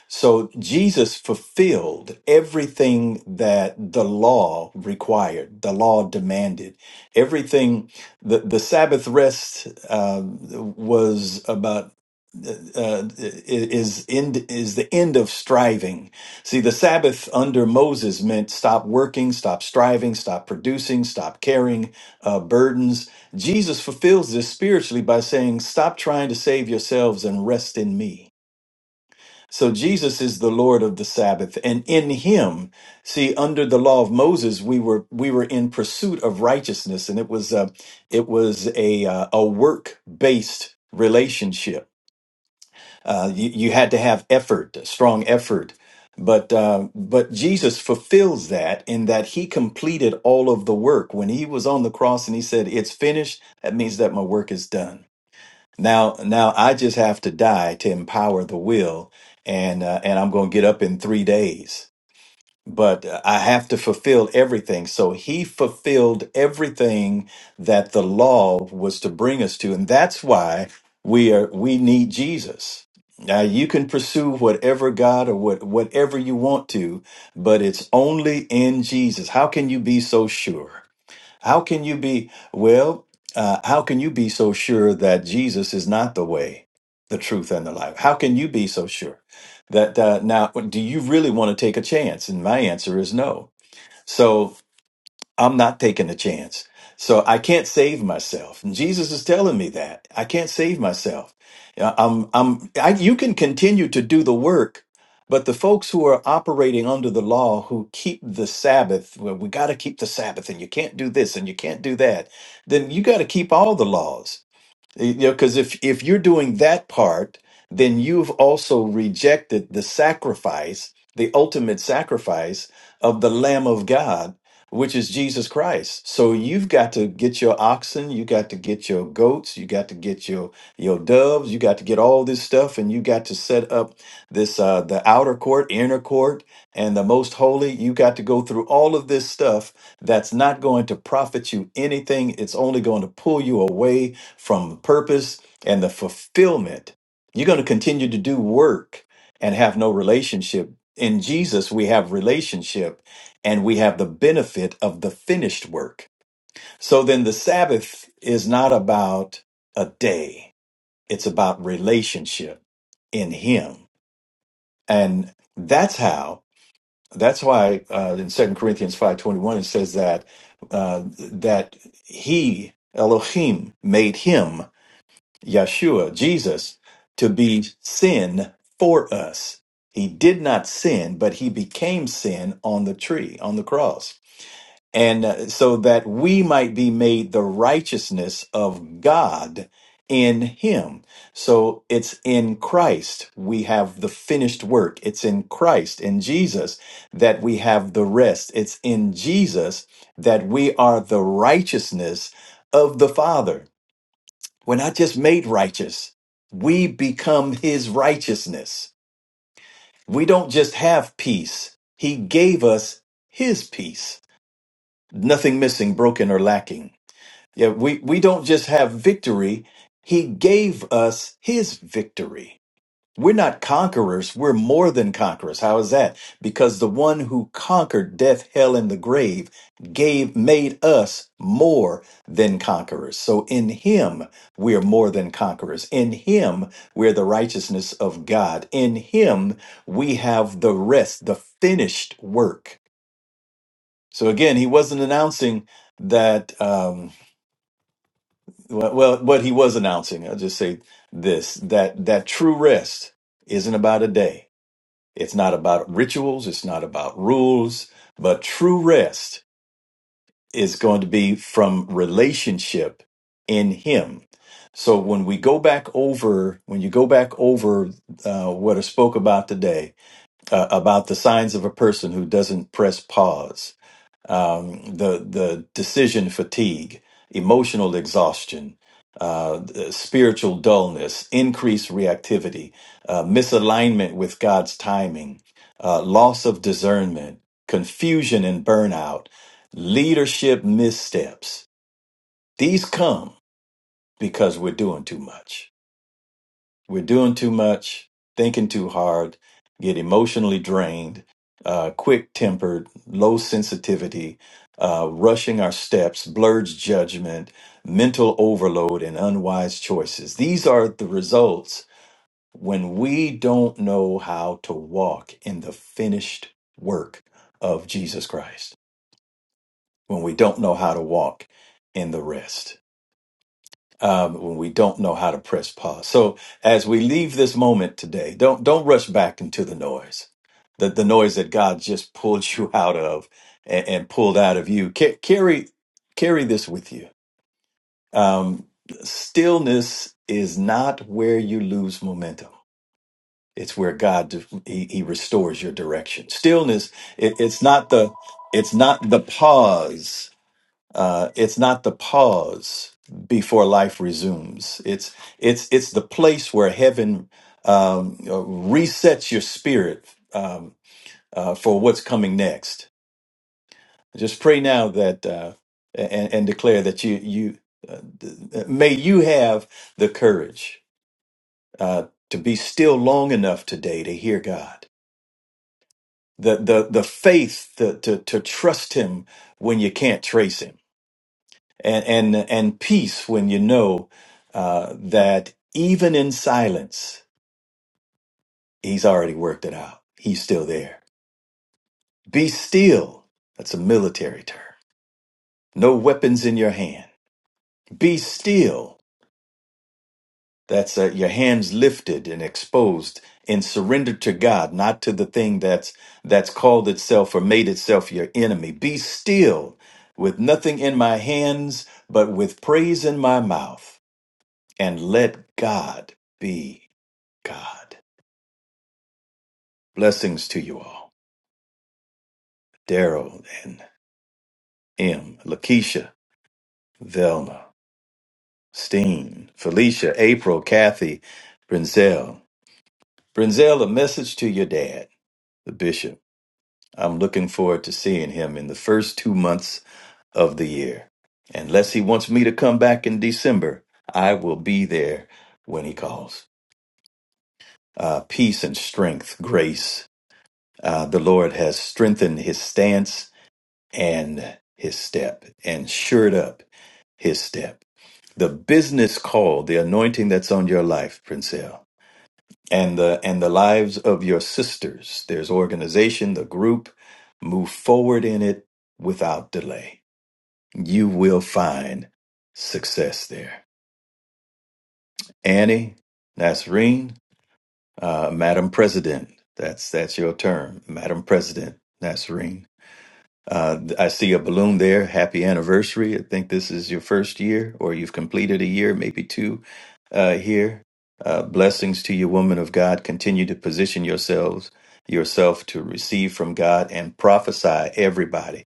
Speaker 3: so Jesus fulfilled everything that the law required, the law demanded. Everything, the, the Sabbath rest uh, was about. Uh, is end is the end of striving. See, the Sabbath under Moses meant stop working, stop striving, stop producing, stop carrying uh, burdens. Jesus fulfills this spiritually by saying, "Stop trying to save yourselves and rest in Me." So Jesus is the Lord of the Sabbath and in him see under the law of Moses we were we were in pursuit of righteousness and it was uh, it was a uh, a work based relationship. Uh, you, you had to have effort, strong effort. But uh, but Jesus fulfills that in that he completed all of the work when he was on the cross and he said it's finished that means that my work is done. Now, now I just have to die to empower the will, and uh, and I'm going to get up in three days. But uh, I have to fulfill everything. So he fulfilled everything that the law was to bring us to, and that's why we are we need Jesus. Now you can pursue whatever God or what whatever you want to, but it's only in Jesus. How can you be so sure? How can you be, well, uh, how can you be so sure that Jesus is not the way, the truth, and the life? How can you be so sure that uh, now, do you really want to take a chance? And my answer is no. So, I'm not taking a chance. So I can't save myself. And Jesus is telling me that I can't save myself. Yeah, I'm, I'm, I, you can continue to do the work, but the folks who are operating under the law who keep the Sabbath, well, we got to keep the Sabbath and you can't do this and you can't do that. Then you got to keep all the laws. You know, because if if you're doing that part, then you've also rejected the sacrifice, the ultimate sacrifice of the Lamb of God, which is Jesus Christ. So you've got to get your oxen, you got to get your goats, you got to get your your doves, you got to get all this stuff, and you got to set up this uh, the outer court, inner court, and the most holy. You got to go through all of this stuff that's not going to profit you anything. It's only going to pull you away from purpose and the fulfillment. You're going to continue to do work and have no relationship. In Jesus, we have relationship and we have the benefit of the finished work. So then the Sabbath is not about a day, it's about relationship in Him. And that's how, that's why uh, in 2 Corinthians 5.21, it says that, uh, that He, Elohim, made Him Yeshua, Jesus, to be sin for us. He did not sin, but he became sin on the tree, on the cross. And uh, so that we might be made the righteousness of God in him. So it's in Christ we have the finished work. It's in Christ, in Jesus, that we have the rest. It's in Jesus that we are the righteousness of the Father. We're not just made righteous, we become his righteousness. We don't just have peace, he gave us his peace. Nothing missing, broken, or lacking. Yeah, we, we don't just have victory, he gave us his victory. We're not conquerors. We're more than conquerors. How is that? Because the one who conquered death, hell, and the grave gave, made us more than conquerors. So in him, we are more than conquerors. In him, we're the righteousness of God. In him, we have the rest, the finished work. So again, he wasn't announcing that, um, well, well, what he was announcing, I'll just say this, that, that true rest isn't about a day. It's not about rituals, it's not about rules, but true rest is going to be from relationship in Him. So when we go back over, when you go back over uh, what I spoke about today, uh, about the signs of a person who doesn't press pause, um, the the decision fatigue, emotional exhaustion, uh, the spiritual dullness, increased reactivity, uh, misalignment with God's timing, uh, loss of discernment, confusion and burnout, leadership missteps. These come because we're doing too much. We're doing too much, thinking too hard, get emotionally drained, uh, quick tempered, low sensitivity, uh, rushing our steps, blurred judgment, mental overload, and unwise choices. These are the results when we don't know how to walk in the finished work of Jesus Christ, when we don't know how to walk in the rest um, when we don't know how to press pause. So as we leave this moment today, don't don't rush back into the noise, the the noise that God just *laughs* pulled you out of and, and pulled out of you. Ca- carry carry this with you. Um, stillness is not where you lose momentum. It's where God he, he restores your direction. Stillness. It, it's not the it's not the pause uh, it's not the pause before life resumes. It's it's it's the place where heaven um, uh, resets your spirit um, uh, for what's coming next. Just pray now that uh, and, and declare that you you uh, th- may you have the courage uh, to be still long enough today to hear God. The the the faith to to, to trust Him when you can't trace Him and and, and peace when you know uh, that even in silence, he's already worked it out. He's still there. Be still. That's a military term. No weapons in your hand. Be still. That's uh, your hands lifted and exposed and surrendered to God, not to the thing that's that's called itself or made itself your enemy. Be still, with nothing in my hands, but with praise in my mouth, and let God be God. Blessings to you all. Daryl and M, Lakeisha, Velma, Steen, Felicia, April, Kathy, Brinzel. Brinzel, a message to your dad, the bishop. I'm looking forward to seeing him in the first two months of the year. Unless he wants me to come back in December, I will be there when he calls. Uh, peace and strength, grace. Uh, the Lord has strengthened his stance and his step and shored up his step. The business call, the anointing that's on your life, Princelle, and the and the lives of your sisters. There's organization, the group. Move forward in it without delay. You will find success there. Annie, Nasreen, uh, Madam President. That's that's your term, Madam President Nasreen. Uh, I see a balloon there. Happy anniversary. I think this is your first year, or you've completed a year, maybe two uh, here. Uh, blessings to you, woman of God. Continue to position yourselves, yourself to receive from God and prophesy, everybody.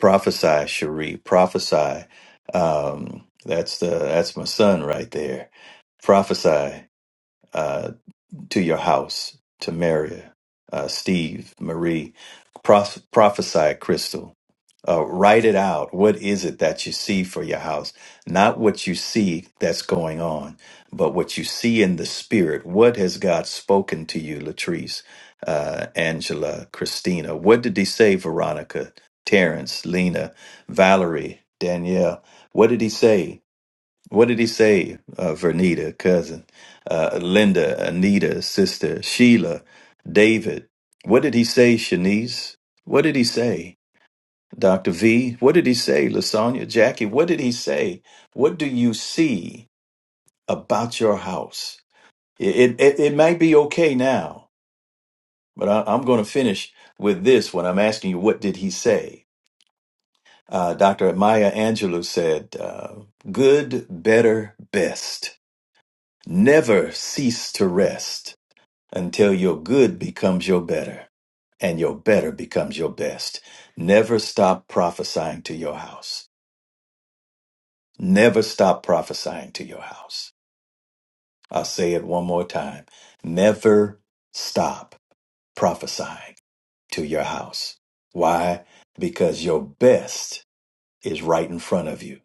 Speaker 3: Prophesy, Cherie. Prophesy. Um, that's the that's my son right there. Prophesy uh, to your house, to Maria, uh, Steve, Marie. Proph- prophesy, Crystal uh, write it out. What is it that you see for your house? Not what you see that's going on, but what you see in the spirit. What has God spoken to you, Latrice, uh, Angela, Christina? What did he say, Veronica, Terrence, Lena, Valerie, Danielle? What did he say? What did he say, uh, Vernita, cousin, uh, Linda, Anita, sister, Sheila, David? What did he say, Shanice? What did he say? Dr. V, what did he say? Lasagna, Jackie, what did he say? What do you see about your house? It, it, it might be okay now, but I, I'm going to finish with this when I'm asking you, what did he say? Uh, Dr. Maya Angelou said, uh, good, better, best. Never cease to rest until your good becomes your better and your better becomes your best. Never stop prophesying to your house. Never stop prophesying to your house. I'll say it one more time. Never stop prophesying to your house. Why? Because your best is right in front of you.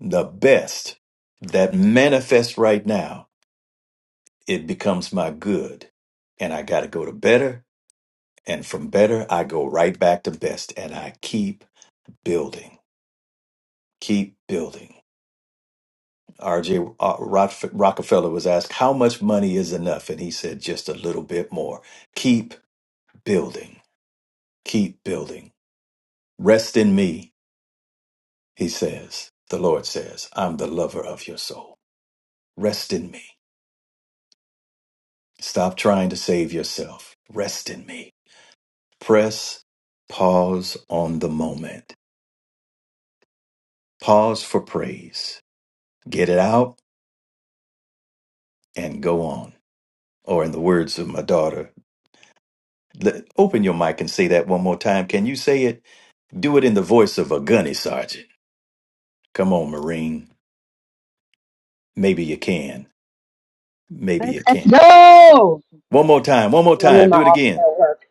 Speaker 3: The best that manifests right now, it becomes my good. And I got to go to better. And from better, I go right back to best. And I keep building, keep building. RJ uh, Rock- Rockefeller was asked, How much money is enough? And he said, Just a little bit more. Keep building. Keep building. Rest in me, he says. The Lord says, I'm the lover of your soul. Rest in me. Stop trying to save yourself. Rest in me. Press pause on the moment. Pause for praise. Get it out and go on. Or, in the words of my daughter, let- open your mic and say that one more time. Can you say it? Do it in the voice of a gunny sergeant. Come on, Marine. Maybe you can. Maybe
Speaker 5: Let's
Speaker 3: you can.
Speaker 5: go.
Speaker 3: One more time. One more
Speaker 5: I'm in
Speaker 3: time.
Speaker 5: my
Speaker 3: Do it
Speaker 5: office
Speaker 3: again.
Speaker 5: at work.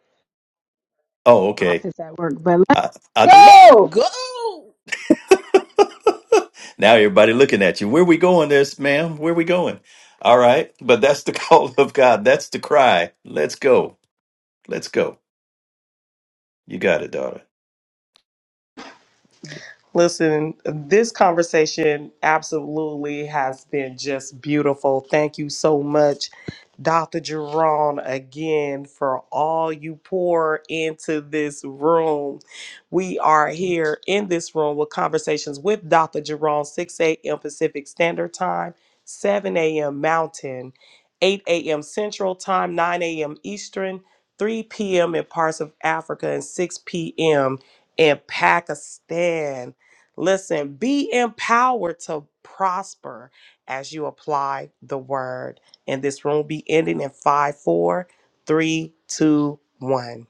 Speaker 3: Oh, okay.
Speaker 5: office at work, but let's
Speaker 3: I, I,
Speaker 2: Let's
Speaker 5: go.
Speaker 2: go!
Speaker 3: now everybody looking at you. Where we going, this ma'am? Where we going? All right. But that's the *laughs* call of God. That's the cry. Let's go. Let's go. You got it, daughter.
Speaker 1: Listen, this conversation absolutely has been just beautiful. Thank you so much, Dr. Jerome, again for all you pour into this room. We are here in this room with conversations with Dr. Jerome, 6 a.m. Pacific Standard Time, 7 a.m. Mountain, 8 a.m. Central Time, 9 a.m. Eastern, 3 p.m. in parts of Africa, and 6 p.m. in Pakistan. Listen, be empowered to prosper as you apply the word. And this room will be ending in five, four, three, two, one.